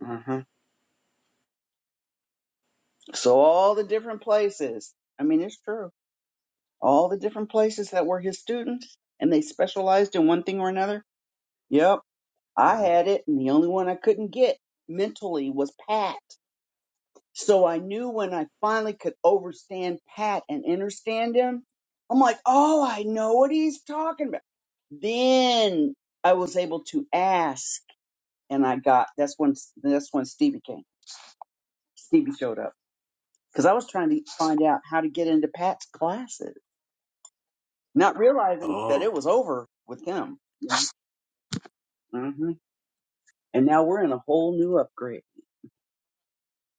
[SPEAKER 3] hmm So all the different places. I mean, it's true. All the different places that were his students and they specialized in one thing or another. Yep I
[SPEAKER 2] hmm
[SPEAKER 3] had it, and the only one I couldn't get mentally was Pat. So I knew when I finally could overstand Pat and understand him, I'm like, oh, I know what he's talking about. Then I was able to ask, and I got that's when that's when Stevie came. Stevie showed up because I was trying to find out how to get into Pat's classes, not realizing that
[SPEAKER 2] Oh,
[SPEAKER 3] it was over with him. hmm And now we're in a whole new upgrade.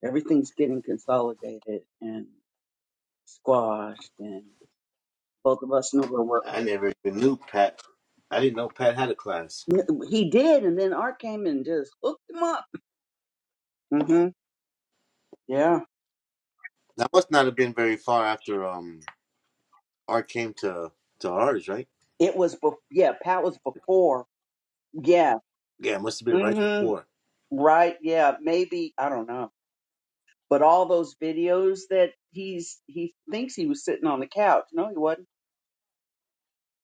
[SPEAKER 3] Everything's getting consolidated, and squashed, and both of us knew where
[SPEAKER 2] I never even knew Pat. I didn't know Pat had a class.
[SPEAKER 3] we're. He did, and then Art came and just hooked him up. hmm Yeah,
[SPEAKER 2] That must not have been very far after um Art came to to ours, right?
[SPEAKER 3] it was. Bef- yeah, Pat was before. Yeah.
[SPEAKER 2] Yeah, it must have been right
[SPEAKER 3] hmm
[SPEAKER 2] before.
[SPEAKER 3] Right. Yeah. Maybe I don't know. But all those videos that he's he thinks he was sitting on the couch. No, he wasn't.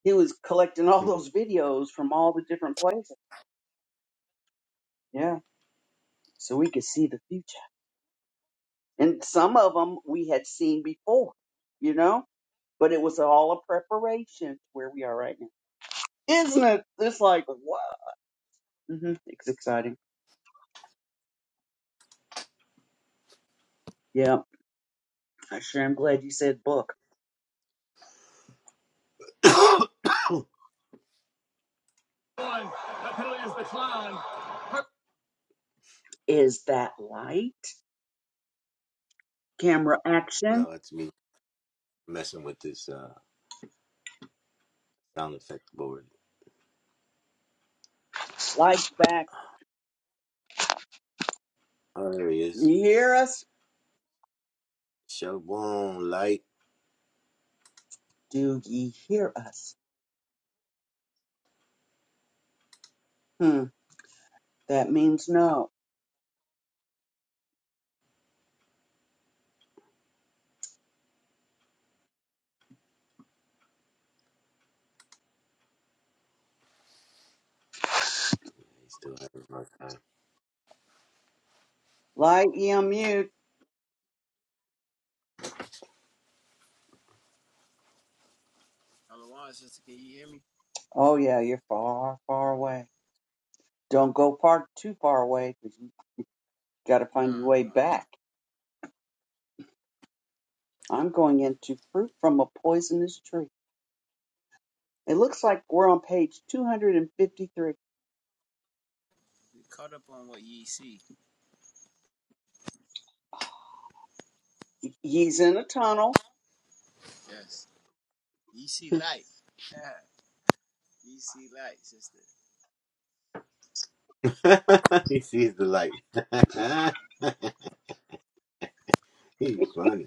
[SPEAKER 3] He was collecting all those videos from all the different places. Yeah. So we could see the future, and some of them we had seen before. You know. but it was all a preparation to where we are right now. Isn't it? It's like, wow. hmm It's exciting. Yeah. I sure am glad you said book. Is that light? Camera action.
[SPEAKER 2] no, it's me messing with this uh, sound effect board.
[SPEAKER 3] Lights back.
[SPEAKER 2] Oh, there he
[SPEAKER 3] Do
[SPEAKER 2] is.
[SPEAKER 3] You hear us?
[SPEAKER 2] Shalom light.
[SPEAKER 3] Do ye hear us? Hmm. That means no.
[SPEAKER 2] He's still having a
[SPEAKER 3] Light ye on mute.
[SPEAKER 1] Alawan, sister, can you hear me?
[SPEAKER 3] Oh yeah, you're far, far away. Don't go far too far away because you gotta
[SPEAKER 1] Nah,
[SPEAKER 3] find your way
[SPEAKER 1] uh, uh
[SPEAKER 3] back. I'm going into fruit from a poisonous tree. It looks like we're on page 253.
[SPEAKER 1] We caught up on what ye see.
[SPEAKER 3] He's in a tunnel.
[SPEAKER 1] Yes, ye see light. Yeah. ye see light, sister.
[SPEAKER 2] hard time. he sees the light. He's funny.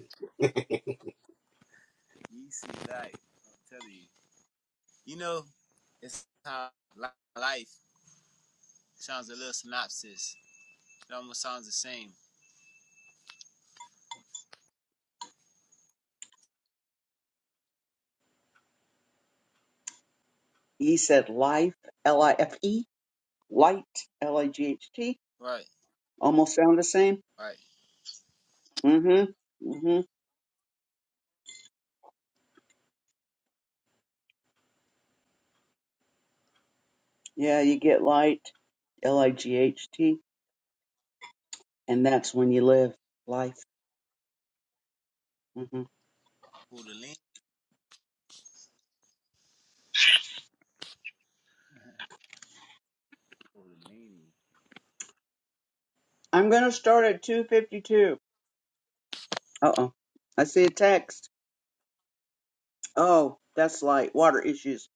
[SPEAKER 1] Ye see light. I'm telling you. You know, it's how life sounds a little synopsis It almost sounds the same.
[SPEAKER 3] He said life, L I F E, light, L I G H T.
[SPEAKER 1] Right,
[SPEAKER 3] Almost sound the same.
[SPEAKER 1] right.
[SPEAKER 3] Mm hmm. Mm hmm. Yeah, you get light, L I G H T, and that's when you live life. hmm
[SPEAKER 1] Kundalini. Kundalini.
[SPEAKER 3] I'm going to start at 252. Uh oh. I see a text. Oh, that's light, water issues.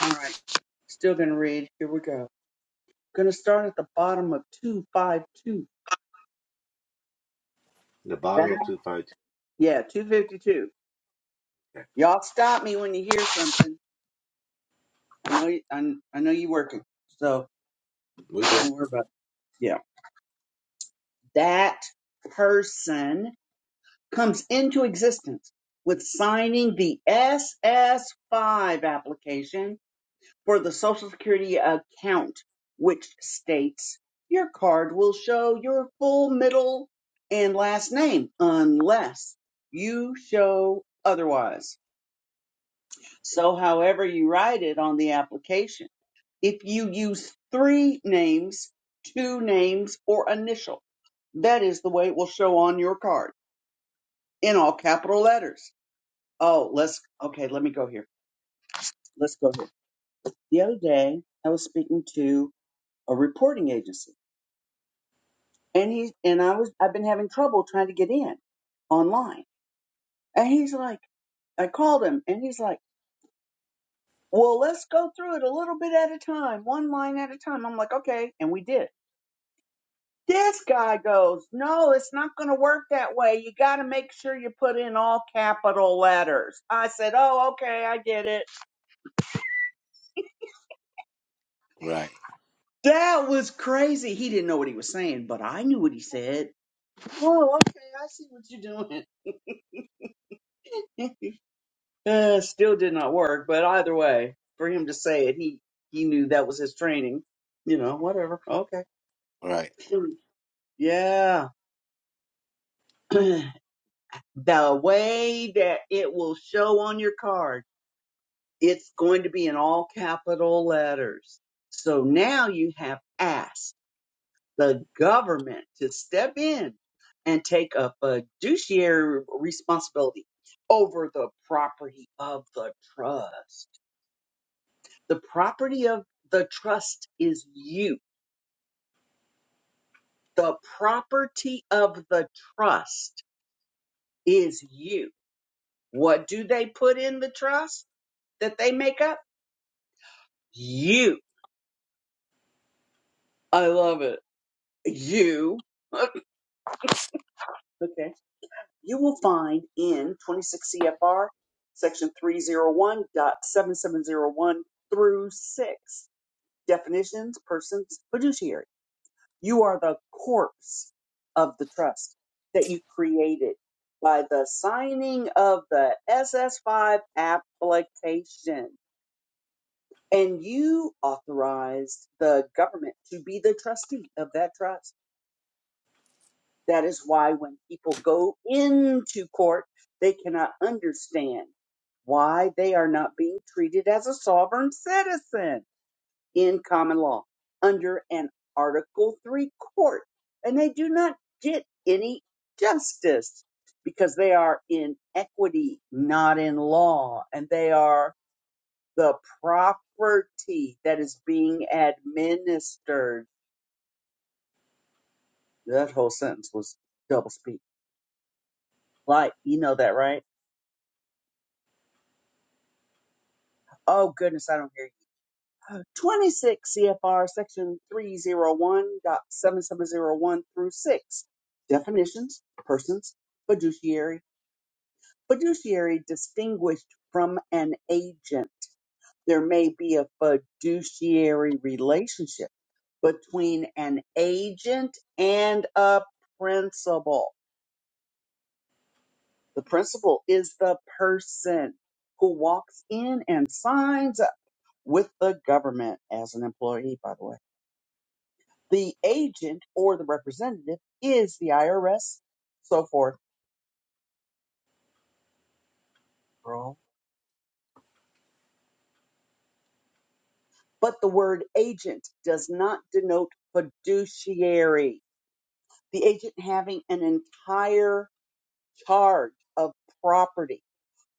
[SPEAKER 3] All right. Still going to read. Here we go. Going to start at the bottom of 252.
[SPEAKER 2] The bottom of 252.
[SPEAKER 3] Yeah, two fifty two. Y'all stop me when you hear something. I know you, I, I know you working, so
[SPEAKER 2] We're good.
[SPEAKER 3] don't worry about it. Yeah, that person comes into existence with signing the SS five application for the Social Security account, which states your card will show your full middle and last name unless you show otherwise. So, however you write it on the application, if you use three names, two names, or initial, that is the way it will show on your card in all capital letters. Oh, let's, okay, let me go here. Let's go here. The other day, I was speaking to a reporting agency and he, and I was, I've been having trouble trying to get in online. And he's like, I called him and he's like, well, let's go through it a little bit at a time, one line at a time. I'm like, okay. And we did. this guy goes, no, it's not going to work that way. You got to make sure you put in all capital letters. I said, oh, okay, I get it.
[SPEAKER 2] Right,
[SPEAKER 3] That was crazy. He didn't know what he was saying, but I knew what he said. Oh, okay, I see what you're doing. uh, still did not work, but either way, for him to say it, he he knew that was his training. You know, whatever. Okay.
[SPEAKER 2] right.
[SPEAKER 3] Yeah. the way that it will show on your card. It's going to be in all capital letters. So now you have asked the government to step in and take a fiduciary responsibility over the property of the trust. The property of the trust is you. The property of the trust is you. What do they put in the trust that they make up? You. I love it. You. okay. You will find in 26 CFR, section 301.7701 through 6, definitions, persons, fiduciary. You are the corpse of the trust that you created by the signing of the SS5 application. And you authorized the government to be the trustee of that trust That is why when people go into court, they cannot understand why they are not being treated as a sovereign citizen in common law under an Article 3 court. And they do not get any justice because they are in equity, not in law. And they are the property that is being administered. That whole sentence was double speak. Like, you know that, right? Oh goodness, I don't hear you. 26 CFR section 301.7701 through 6. Definitions, persons, fiduciary. Fiduciary distinguished from an agent. There may be a fiduciary relationship between an agent and a principal. The principal is the person who walks in and signs up with the government as an employee, by the way The agent or the representative is the IRS, so forth. Wrong. But the word agent does not denote fiduciary. The agent having an entire charge of property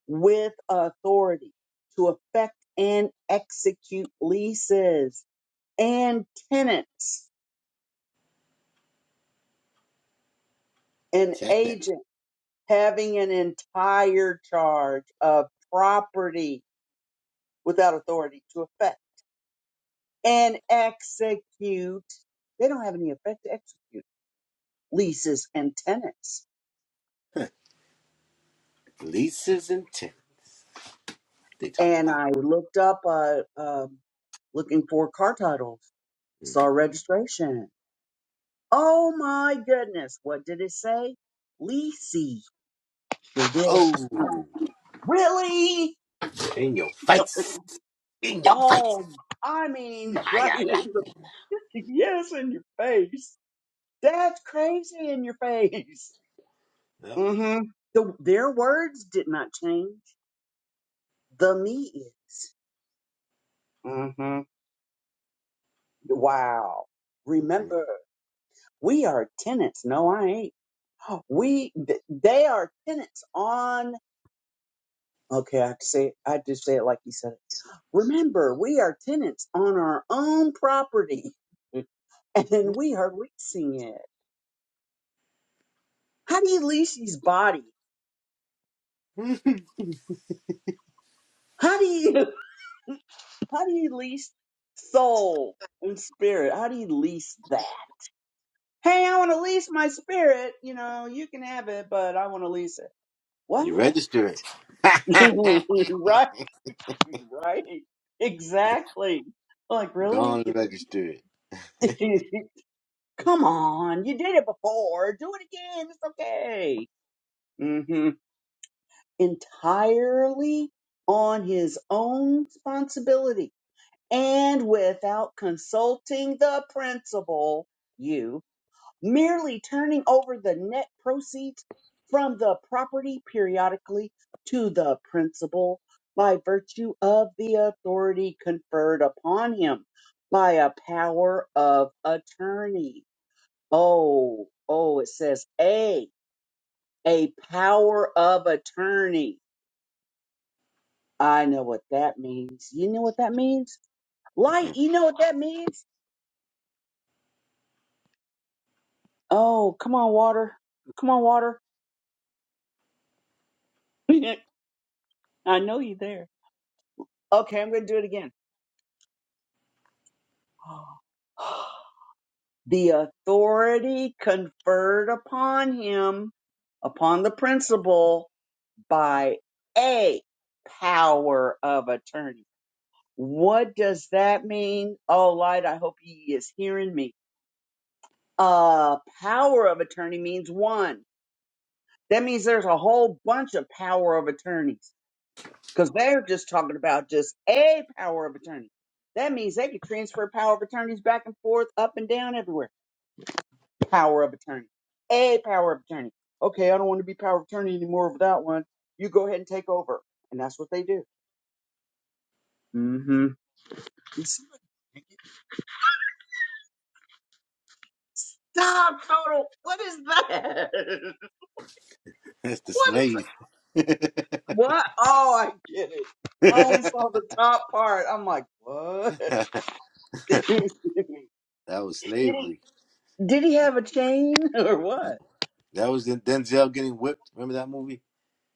[SPEAKER 3] with authority to effect and execute leases and tenants. An
[SPEAKER 2] Tenants.
[SPEAKER 3] agent having an entire charge of property without authority to effect and execute. They don't have any effect to execute leases and tenants.
[SPEAKER 2] Leases and tenants. They talking
[SPEAKER 3] And
[SPEAKER 2] about.
[SPEAKER 3] I looked up, uh, um looking for car titles, saw registration. Oh my goodness. What did it say? Leasy. It did.
[SPEAKER 2] Oh,
[SPEAKER 3] Really?
[SPEAKER 2] in your face. In your face.
[SPEAKER 3] Oh, I mean, right
[SPEAKER 2] Fire
[SPEAKER 3] in the,
[SPEAKER 2] lightning.
[SPEAKER 3] yes, in your face. That's crazy in your face.
[SPEAKER 2] Yep.
[SPEAKER 3] mm hmm The, their words did not change. The me is. hmm Wow.
[SPEAKER 2] Mm-hmm.
[SPEAKER 3] Remember, we are tenants. No, I ain't. We, th- they are tenants on, okay, I have to say it. I have to say it like you said it. Remember, we are tenants on our own property and we are leasing it. How do you lease these body? How do you, how do you lease soul and spirit? How do you lease that? Hey, I want to lease my spirit. You know, you can have it, but I want to lease it. What?
[SPEAKER 2] You register it.
[SPEAKER 3] right? Right. Exactly. Like,
[SPEAKER 2] Go
[SPEAKER 3] really?
[SPEAKER 2] on
[SPEAKER 3] You
[SPEAKER 2] and register it.
[SPEAKER 3] think- Come on. You did it before. Do it again. It's okay. hmm Entirely on his own responsibility and without consulting the principal, you. merely turning over the net proceeds from the property periodically to the principal by virtue of the authority conferred upon him by a power of attorney. Oh, oh, it says a, a power of attorney. I know what that means. You know what that means? Light,
[SPEAKER 2] Mm-mm.
[SPEAKER 3] you know what that means? Oh, come on, water. Come on, water. I know you there. Okay, I'm going to do it again The authority conferred upon him, upon the principal, by a power of attorney. What does that mean? Oh, Light, I hope he is hearing me. Uh, power of attorney means one. That means there's a whole bunch of power of attorneys because they're just talking about just a power of attorney. That means they could transfer power of attorneys back and forth, up and down, everywhere. power of attorney. A power of attorney. Okay, I don't want to be power of attorney anymore with that one. You go ahead and take over. And that's what they do. Mm-hmm. Stop, total. What is that?
[SPEAKER 2] That's the
[SPEAKER 3] What is that?
[SPEAKER 2] slave.
[SPEAKER 3] What? Oh, I get it. I only
[SPEAKER 2] that
[SPEAKER 3] saw the top part. I'm like, what? did,
[SPEAKER 2] was
[SPEAKER 3] he,
[SPEAKER 2] slavery.
[SPEAKER 3] did he have a chain or what?
[SPEAKER 2] That was in Denzel getting whipped. Remember that movie?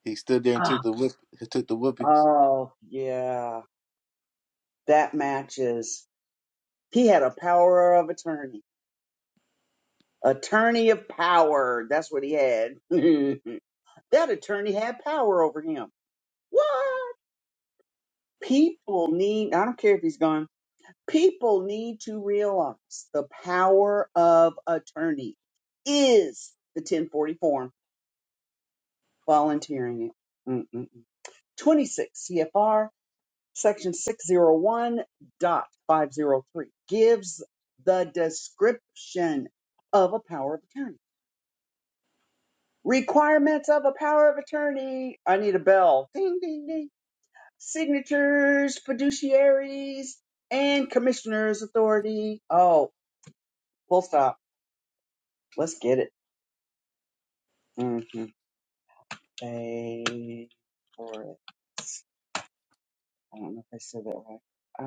[SPEAKER 2] He stood there and
[SPEAKER 3] Ah.
[SPEAKER 2] took the whip. He took the whippings.
[SPEAKER 3] Oh, yeah. That matches. He had a power of attorney. attorney of power. That's what he had. that attorney had power over him. What? People need, I don't care if he's gone, people need to realize the power of attorney is the 1040 form, volunteering it. Mm-mm-mm. 26 CFR section 601.503 gives the description of a power of attorney. Requirements of a power of attorney. I need a bell. Ding, ding, ding. Signatures, fiduciaries, and commissioner's authority. Oh, full stop. Let's get it. Mm-hmm. Pay for it. I don't know if I said that right.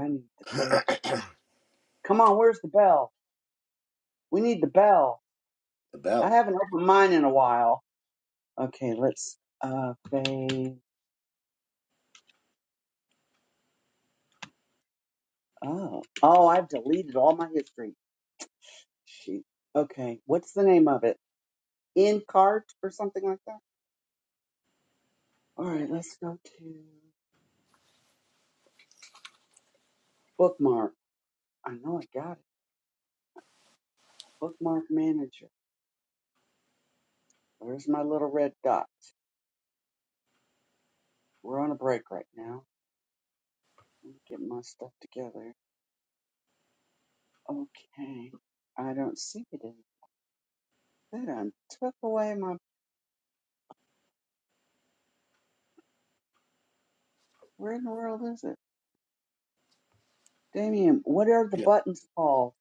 [SPEAKER 3] I need to pay. Come on, where's the bell? We need the bell.
[SPEAKER 2] The
[SPEAKER 3] I
[SPEAKER 2] bell.
[SPEAKER 3] haven't opened mine in a while. Okay, let's uh pay. Oh, oh, I've deleted all my history. Shoot. Okay, what's the name of it? in cart or something like that. All right, let's go to bookmark. I know I got it. Bookmark manager. Where's my little red dot. We're on a break right now. Let me get my stuff together. Okay. I don't see it in that I done took away my where in the world is it? Damien, what are the
[SPEAKER 2] Yeah.
[SPEAKER 3] buttons called?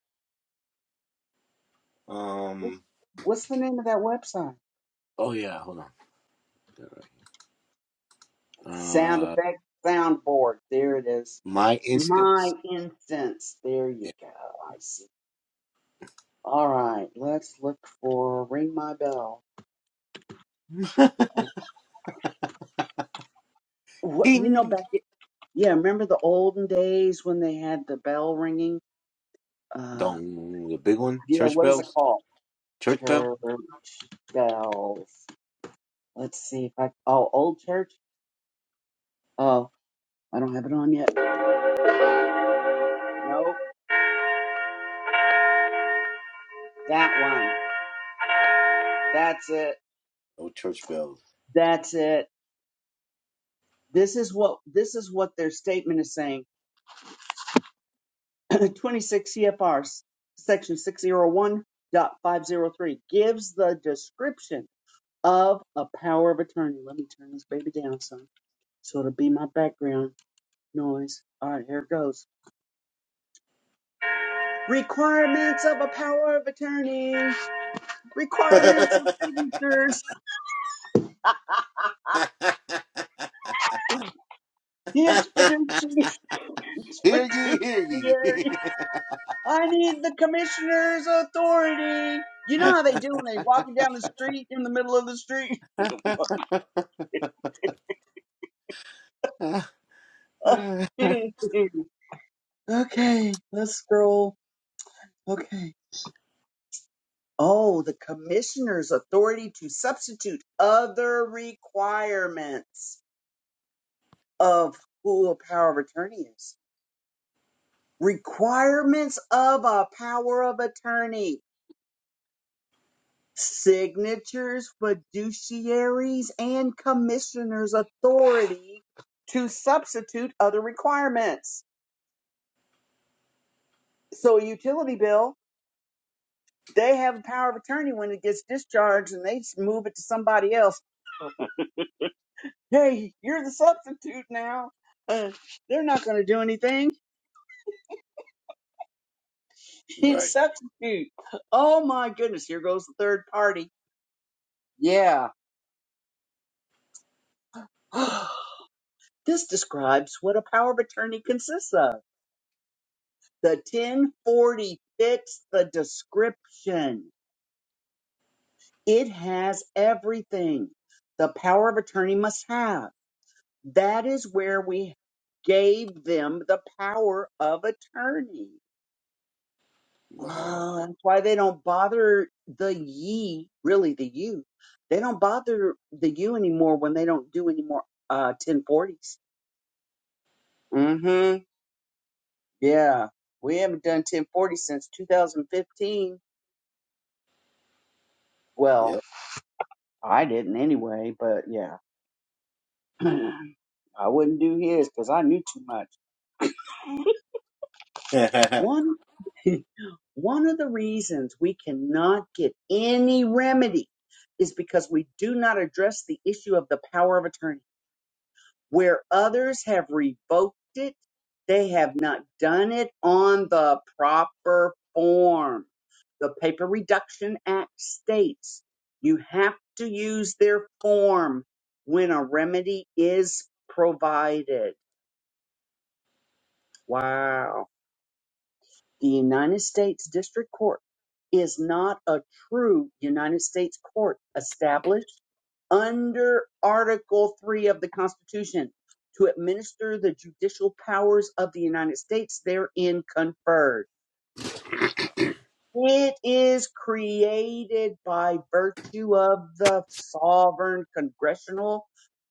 [SPEAKER 3] Wh-
[SPEAKER 2] Um.
[SPEAKER 3] What's the name of that website?
[SPEAKER 2] Oh yeah. Hold on. All right.
[SPEAKER 3] Sound
[SPEAKER 2] Uh.
[SPEAKER 3] effect soundboard. There it is.
[SPEAKER 2] My
[SPEAKER 3] My
[SPEAKER 2] instance.
[SPEAKER 3] instance. There you
[SPEAKER 2] Yeah.
[SPEAKER 3] go. I see. All right, let's look for Ring My Bell. Oh, What, you know,
[SPEAKER 2] Ding
[SPEAKER 3] back, i- yeah, remember the olden days when they had the bell ringing? Uh,
[SPEAKER 2] dong. The big one.
[SPEAKER 3] yeah,
[SPEAKER 2] Church
[SPEAKER 3] what is it
[SPEAKER 2] bells.
[SPEAKER 3] called?
[SPEAKER 2] Church bell.
[SPEAKER 3] Church bells. Let's see if I, oh, old church? Oh, I don't have it on yet. Nope, that one. That's it.
[SPEAKER 2] No church bells.
[SPEAKER 3] That's it. This is what, this is what their statement is saying. 26 CFR, section 601.503 gives the description of a power of attorney. Let me turn this baby down some so it'll be my background noise. All right, here it goes. Requirements of a power of attorney. Requirements of signatures. His fiduciary. His
[SPEAKER 2] Hear ye, hear ye.
[SPEAKER 3] fiduciary. I need the commissioner's authority. You know how they do when they walking down the street in the middle of the street? okay, let's scroll. Okay. Oh, the commissioner's authority to substitute other requirements of who a power of attorney is. Requirements of a power of attorney. Signatures, fiduciaries, and commissioner's authority to substitute other requirements. So a utility bill, they have a power of attorney when it gets discharged and they move it to somebody else hey, you're the substitute now. Uh, they're not going to do anything. It's
[SPEAKER 2] Right.
[SPEAKER 3] substitute. Oh my goodness, here goes the third party. Yeah. this describes what a power of attorney consists of. The 1040 fits the description. It has everything the power of attorney must have. That is where we gave them the power of attorney.
[SPEAKER 2] Wow.
[SPEAKER 3] Uh, that's why they don't bother the ye, really the you. They don't bother the you anymore when they don't do any more uh 1040s. Mm-hmm. Yeah. We haven't done 1040 since 2015. Well, I didn't anyway, but yeah. I wouldn't do his because I knew too much.
[SPEAKER 2] hold
[SPEAKER 3] One one of the reasons we cannot get any remedy is because we do not address the issue of the power of attorney. Where others have revoked it, they have not done it on the proper form. The Paper Reduction Act states you have to use their form when a remedy is provided. Wow. The United States District Court is not a true United States court established under Article 3 of the Constitution to administer the judicial powers of the United States therein conferred. It is created by virtue of the sovereign congressional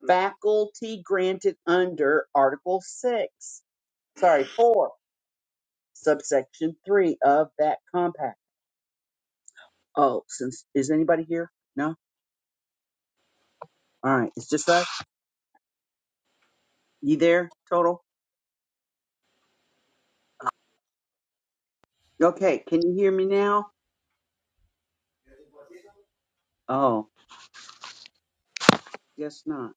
[SPEAKER 3] faculty granted under Article 6, sorry, 4, subsection 3 of that compact. Oh, since is anybody here? No. All right. It's just us. You there, total? Okay. Can you hear me now? Oh, guess not.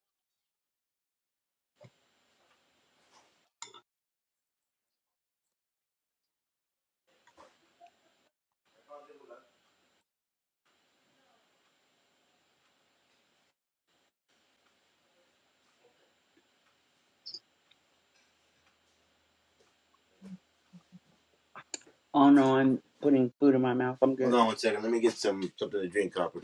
[SPEAKER 3] Oh no, I'm putting food in my mouth. I'm good.
[SPEAKER 2] on one second. Let me get some something to drink, Copper.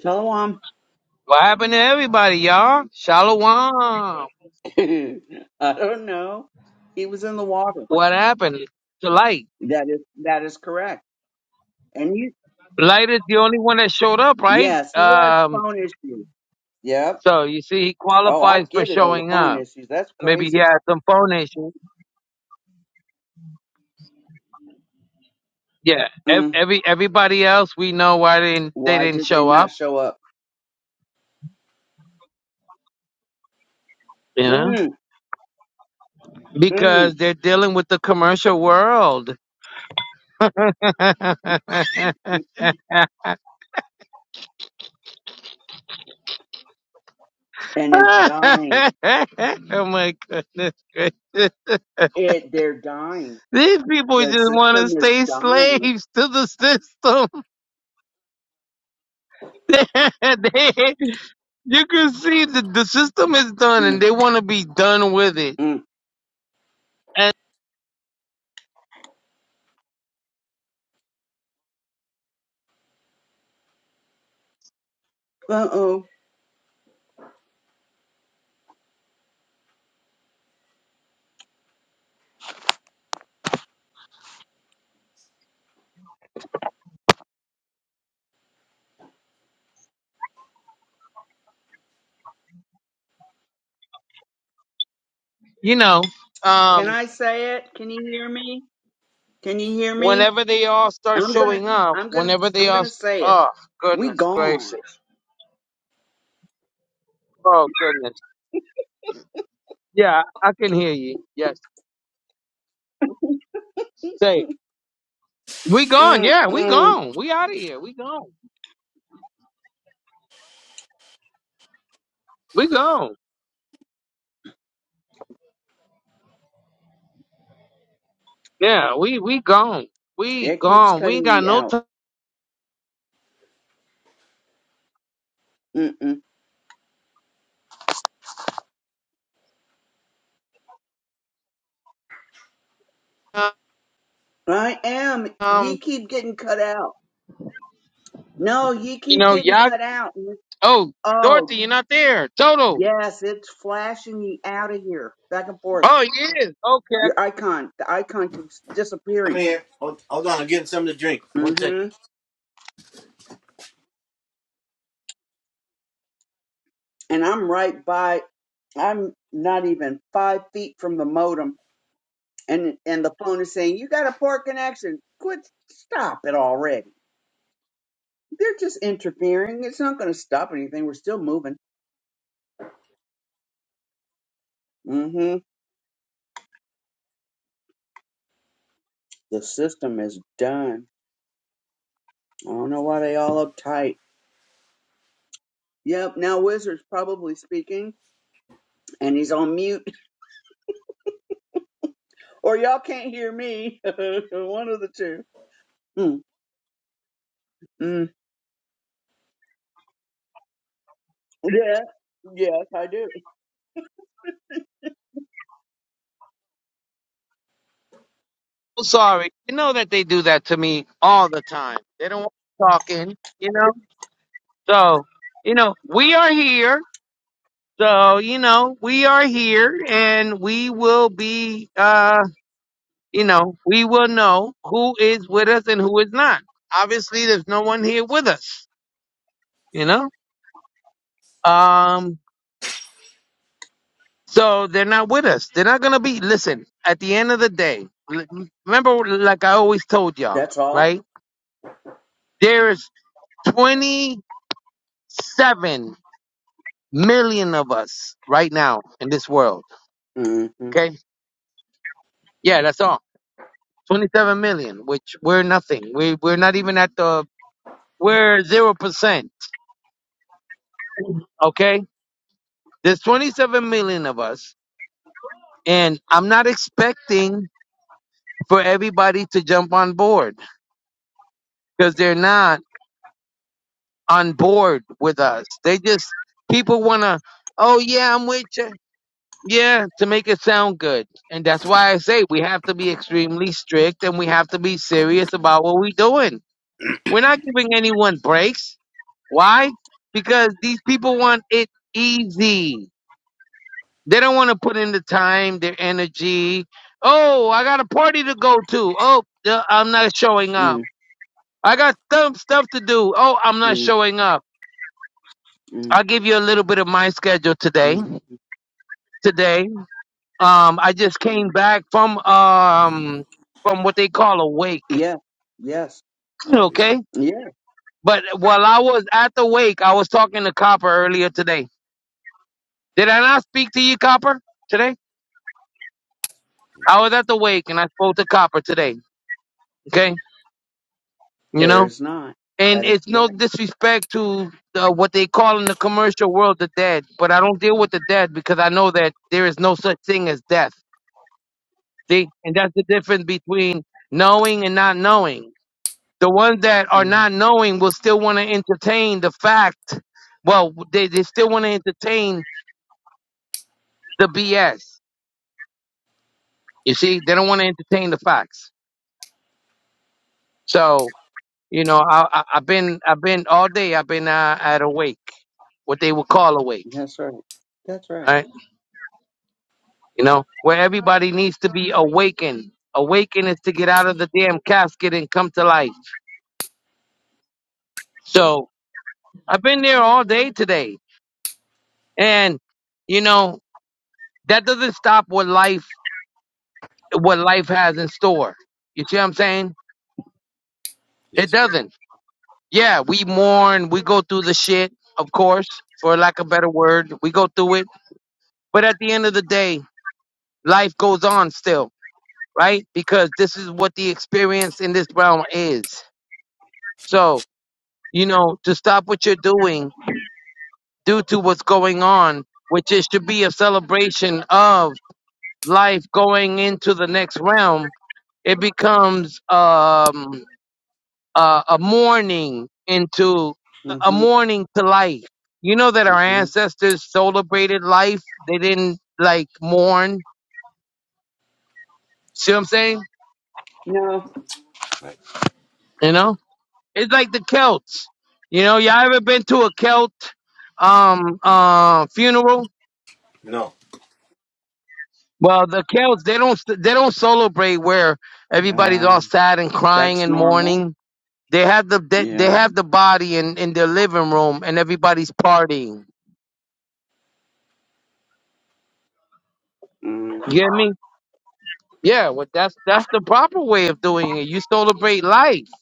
[SPEAKER 3] Shalom.
[SPEAKER 4] What happened to everybody, y'all? Shalom.
[SPEAKER 3] I don't know. He was in the water.
[SPEAKER 4] What happened to Light?
[SPEAKER 3] That is that is correct. And you,
[SPEAKER 4] Light is the only one that showed up, right?
[SPEAKER 3] yes, he has
[SPEAKER 4] Um,
[SPEAKER 3] phone issues. Yep.
[SPEAKER 4] so you see, he
[SPEAKER 3] Oh, I
[SPEAKER 4] qualifies for
[SPEAKER 3] get it on the
[SPEAKER 4] showing
[SPEAKER 3] phone
[SPEAKER 4] up.
[SPEAKER 3] issues. That's
[SPEAKER 4] Maybe he
[SPEAKER 3] crazy.
[SPEAKER 4] had some phone issues. Yeah, ev-
[SPEAKER 3] Mm,
[SPEAKER 4] every everybody else we know why they didn't, they
[SPEAKER 3] why
[SPEAKER 4] didn't
[SPEAKER 3] did they
[SPEAKER 4] show
[SPEAKER 3] not
[SPEAKER 4] up.
[SPEAKER 3] show up?
[SPEAKER 4] You know,
[SPEAKER 3] Mm, mm.
[SPEAKER 4] because they're dealing with the commercial world. oh
[SPEAKER 3] And it's dying.
[SPEAKER 4] my goodness gracious.
[SPEAKER 3] It they're dying
[SPEAKER 4] These people just
[SPEAKER 3] The
[SPEAKER 4] want to
[SPEAKER 3] system is
[SPEAKER 4] stay
[SPEAKER 3] dying.
[SPEAKER 4] slaves to the system. They- they- you can see that the system is done
[SPEAKER 3] Mm,
[SPEAKER 4] and they want to be done with it.
[SPEAKER 3] mm.
[SPEAKER 4] And,
[SPEAKER 3] Uh-oh.
[SPEAKER 4] you know, um,
[SPEAKER 3] Can I say it? Can you hear me? Can you hear me?
[SPEAKER 4] whenever they all start
[SPEAKER 3] I'm gonna
[SPEAKER 4] showing up,
[SPEAKER 3] I'm gonna
[SPEAKER 4] whenever they
[SPEAKER 3] I'm
[SPEAKER 4] all,
[SPEAKER 3] gonna
[SPEAKER 4] st-
[SPEAKER 3] say it.
[SPEAKER 4] oh,
[SPEAKER 3] We
[SPEAKER 4] goodness
[SPEAKER 3] gone.
[SPEAKER 4] gracious. Oh, goodness. Yeah, I can hear you. Yes. Say, it. we gone. Yeah, we
[SPEAKER 3] Mm-mm.
[SPEAKER 4] gone. We out of here. We gone. We gone. Yeah, we, we gone. We
[SPEAKER 3] It keeps
[SPEAKER 4] gone. We ain't
[SPEAKER 3] cutting
[SPEAKER 4] got
[SPEAKER 3] ye
[SPEAKER 4] no
[SPEAKER 3] out.
[SPEAKER 4] time.
[SPEAKER 3] Mm-mm.
[SPEAKER 4] you
[SPEAKER 3] I am.
[SPEAKER 4] y'all.
[SPEAKER 3] Ye keep getting cut out. No, ye keep
[SPEAKER 4] know,
[SPEAKER 3] getting
[SPEAKER 4] y'all
[SPEAKER 3] cut out.
[SPEAKER 4] Oh, Dorothy,
[SPEAKER 3] Oh,
[SPEAKER 4] you're not there. Toto.
[SPEAKER 3] yes, it's flashing ye out of here. Back and forth.
[SPEAKER 4] Oh, he is. Okay.
[SPEAKER 3] Your icon. The icon keeps
[SPEAKER 2] I'm
[SPEAKER 3] disappearing.
[SPEAKER 2] here. Hold, hold on. I'm getting something to drink. One second.
[SPEAKER 3] Mm-hmm. And I'm right by I'm not even five feet from the modem, and and the phone is saying you got a poor connection. Quit, stop it already. They're just interfering. It's not going to stop anything. We're still moving. Mm-hmm. The system is done. I don't know why they all uptight. Yep. Now Wizard's probably speaking, and he's on mute, or y'all can't hear me. One of the two. Mm, mm. Yeah. Yes, I do.
[SPEAKER 4] I'm sorry. You know that they do that to me all the time. They don't want me talking, you know? So, you know, we are here. So, you know, we are here and we will be, uh, you know, we will know who is with us and who is not. Obviously, there's no one here with us, you know? um. So they're not with us. They're not gonna be. Listen, at the end of the day, l- remember, like I always told y'all,
[SPEAKER 3] That's all.
[SPEAKER 4] right? There's 27 million of us right now in this world.
[SPEAKER 3] Mm-hmm.
[SPEAKER 4] Okay, yeah, that's all. 27 million, which we're nothing. We we're not even at the we're zero percent. Okay, there's 27 million of us, and I'm not expecting for everybody to jump on board because they're not. on board with us. They just people want to, oh yeah, I'm with you. Yeah, to make it sound good. And that's why I say we have to be extremely strict and we have to be serious about what we're doing. We're not giving anyone breaks. Why? Because these people want it easy. They don't want to put in the time, their energy. Oh, I got a party to go to. Oh, uh, I'm not showing up.
[SPEAKER 3] Mm-hmm.
[SPEAKER 4] I got some stuff to do. Oh, I'm not showing up.
[SPEAKER 3] Mm-hmm.
[SPEAKER 4] I'll give you a little bit of my schedule
[SPEAKER 3] mm-hmm.
[SPEAKER 4] today. Today, um, I just came back from um from what they call a wake.
[SPEAKER 3] Yes, yes,
[SPEAKER 2] oh yeah,
[SPEAKER 4] Okay,
[SPEAKER 3] yes.
[SPEAKER 4] but while I was at the wake, I was talking to Copper earlier today. Did I not speak to you, Copper, today? I was at the wake and I spoke to Copper today. Okay, you
[SPEAKER 3] There
[SPEAKER 4] know,
[SPEAKER 3] is not. That
[SPEAKER 4] and
[SPEAKER 3] is
[SPEAKER 4] it's no
[SPEAKER 3] correct.
[SPEAKER 4] disrespect to uh, what they call in the commercial world the dead, but I don't deal with the dead because I know that there is no such thing as death See, and that's the difference between knowing and not knowing. The ones that are
[SPEAKER 3] Mm,
[SPEAKER 4] not knowing will still want to entertain the fact. Well, they, they still want to entertain the BS. You see, they don't want to entertain the facts. So, you know, I, I, I've been, I've been all day. I've been uh, at a wake, what they would call awake.
[SPEAKER 3] that's right. That's right.
[SPEAKER 4] All right, you know, where everybody needs to be awakened. Awaken is to get out of the damn casket and come to life. So I've been there all day today And you know, that doesn't stop what life what life has in store. You see what I'm saying? It
[SPEAKER 2] yes, bro.
[SPEAKER 4] doesn't. Yeah, we mourn, we go through the shit, of course, for lack of better word. We go through it. But at the end of the day, life goes on still, right? Because this is what the experience in this realm is. So, you know, to stop what you're doing due to what's going on, which is should be a celebration of life going into the next realm It becomes um, a, a mourning into a
[SPEAKER 3] Mm-hmm.
[SPEAKER 4] mourning to life. You know that our
[SPEAKER 3] Mm-hmm.
[SPEAKER 4] ancestors celebrated life. They didn't like mourn. See what I'm saying?
[SPEAKER 3] No,
[SPEAKER 2] Right.
[SPEAKER 4] You know, it's like the Celts. You know, y'all ever been to a Celt um uh, funeral?
[SPEAKER 2] No.
[SPEAKER 4] Well, the Celts they don't they don't celebrate where everybody's
[SPEAKER 3] uh,
[SPEAKER 4] all sad and crying
[SPEAKER 3] that's
[SPEAKER 4] and
[SPEAKER 3] normal.
[SPEAKER 4] mourning. They have the they, they
[SPEAKER 3] Yeah.
[SPEAKER 4] have the body in in their living room and everybody's partying.
[SPEAKER 3] Mm-hmm.
[SPEAKER 4] You get me? Yeah, well that's that's the proper way of doing it. You celebrate life,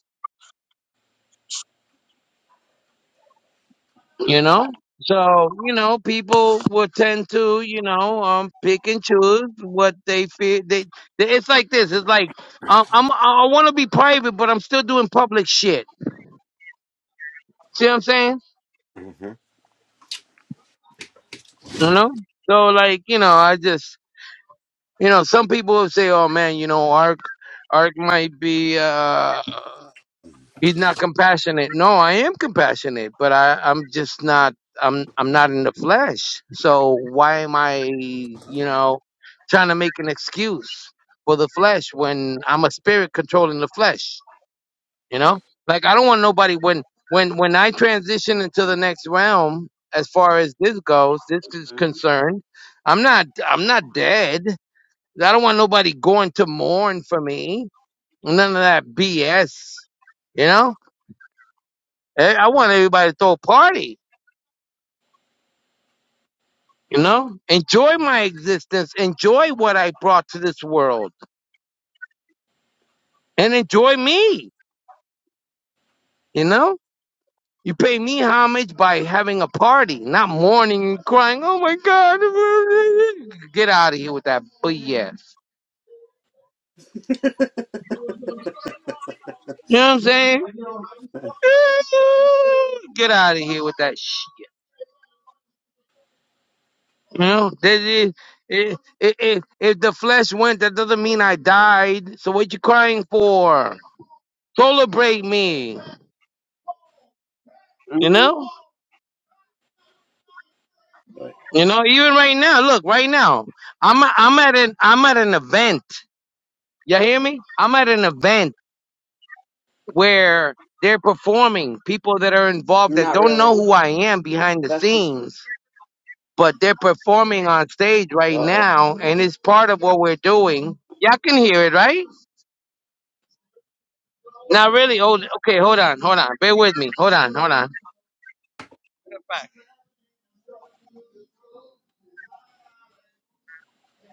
[SPEAKER 4] you know? So, you know, people will tend to, you know, um pick and choose what they feel they, they it's like this. It's like um I'm I want to be private, but I'm still doing public shit. See what I'm saying?
[SPEAKER 2] Mm-hmm.
[SPEAKER 4] You know? So like, you know, I just you know, some people will say, "Oh man, you know, Ark Ark might be uh He's not compassionate. No, I am compassionate, but I, I'm just not. I'm I'm not in the flesh. So why am I, you know, trying to make an excuse for the flesh when I'm a spirit controlling the flesh? You know, like I don't want nobody when when when I transition into the next realm as far as this goes, this is concerned. I'm not I'm not dead. I don't want nobody going to mourn for me. None of that BS. You know. Eh, I want everybody to throw a party. You know, enjoy my existence, enjoy what I brought to this world, and enjoy me. You know, you pay me homage by having a party, not mourning and crying. Oh my God, get out of here with that BS. You know what I'm saying? Get out of here with that shit. You know, that is- if, if, if the flesh went, that doesn't mean I died. So what you crying for? Celebrate me. You
[SPEAKER 3] hmm
[SPEAKER 4] know?
[SPEAKER 2] Right.
[SPEAKER 4] You know, even right now, look, right now, I'm I'm at an I'm at an event. You hear me? I'm at an event where they're performing people that are involved that
[SPEAKER 3] Not
[SPEAKER 4] don't know
[SPEAKER 3] really.
[SPEAKER 4] who I am behind the
[SPEAKER 3] That's
[SPEAKER 4] scenes, but they're performing on stage
[SPEAKER 3] uh
[SPEAKER 4] right
[SPEAKER 3] oh.
[SPEAKER 4] now, and it's part of what we're doing. Y'all can hear it, right? Not really, Oh, okay, hold on, hold on, bear with me, hold on, hold on.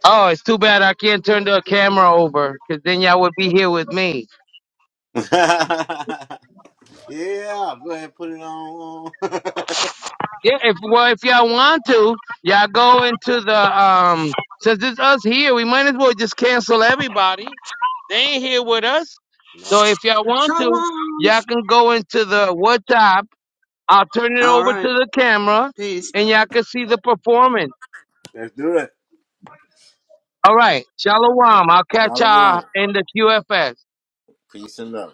[SPEAKER 4] Oh, it's too bad I can't turn the camera over, 'cause then y'all would be here with me.
[SPEAKER 2] yeah, go ahead, put it on.
[SPEAKER 4] Yeah, if well, if y'all want to, y'all go into the um. Since it's us here, we might as well just cancel everybody. They ain't here with us,
[SPEAKER 2] No.
[SPEAKER 4] so if y'all
[SPEAKER 3] So
[SPEAKER 4] want to,
[SPEAKER 3] long.
[SPEAKER 4] y'all can go into the WhatsApp. I'll turn it
[SPEAKER 3] All
[SPEAKER 4] over to
[SPEAKER 3] right.
[SPEAKER 4] the camera,
[SPEAKER 3] Peace.
[SPEAKER 4] and y'all can see the performance.
[SPEAKER 2] Let's do it.
[SPEAKER 4] All right, shalom. I'll
[SPEAKER 2] you
[SPEAKER 4] catch
[SPEAKER 2] all I
[SPEAKER 4] y'all
[SPEAKER 2] want.
[SPEAKER 4] in the QFS.
[SPEAKER 2] Peace and love.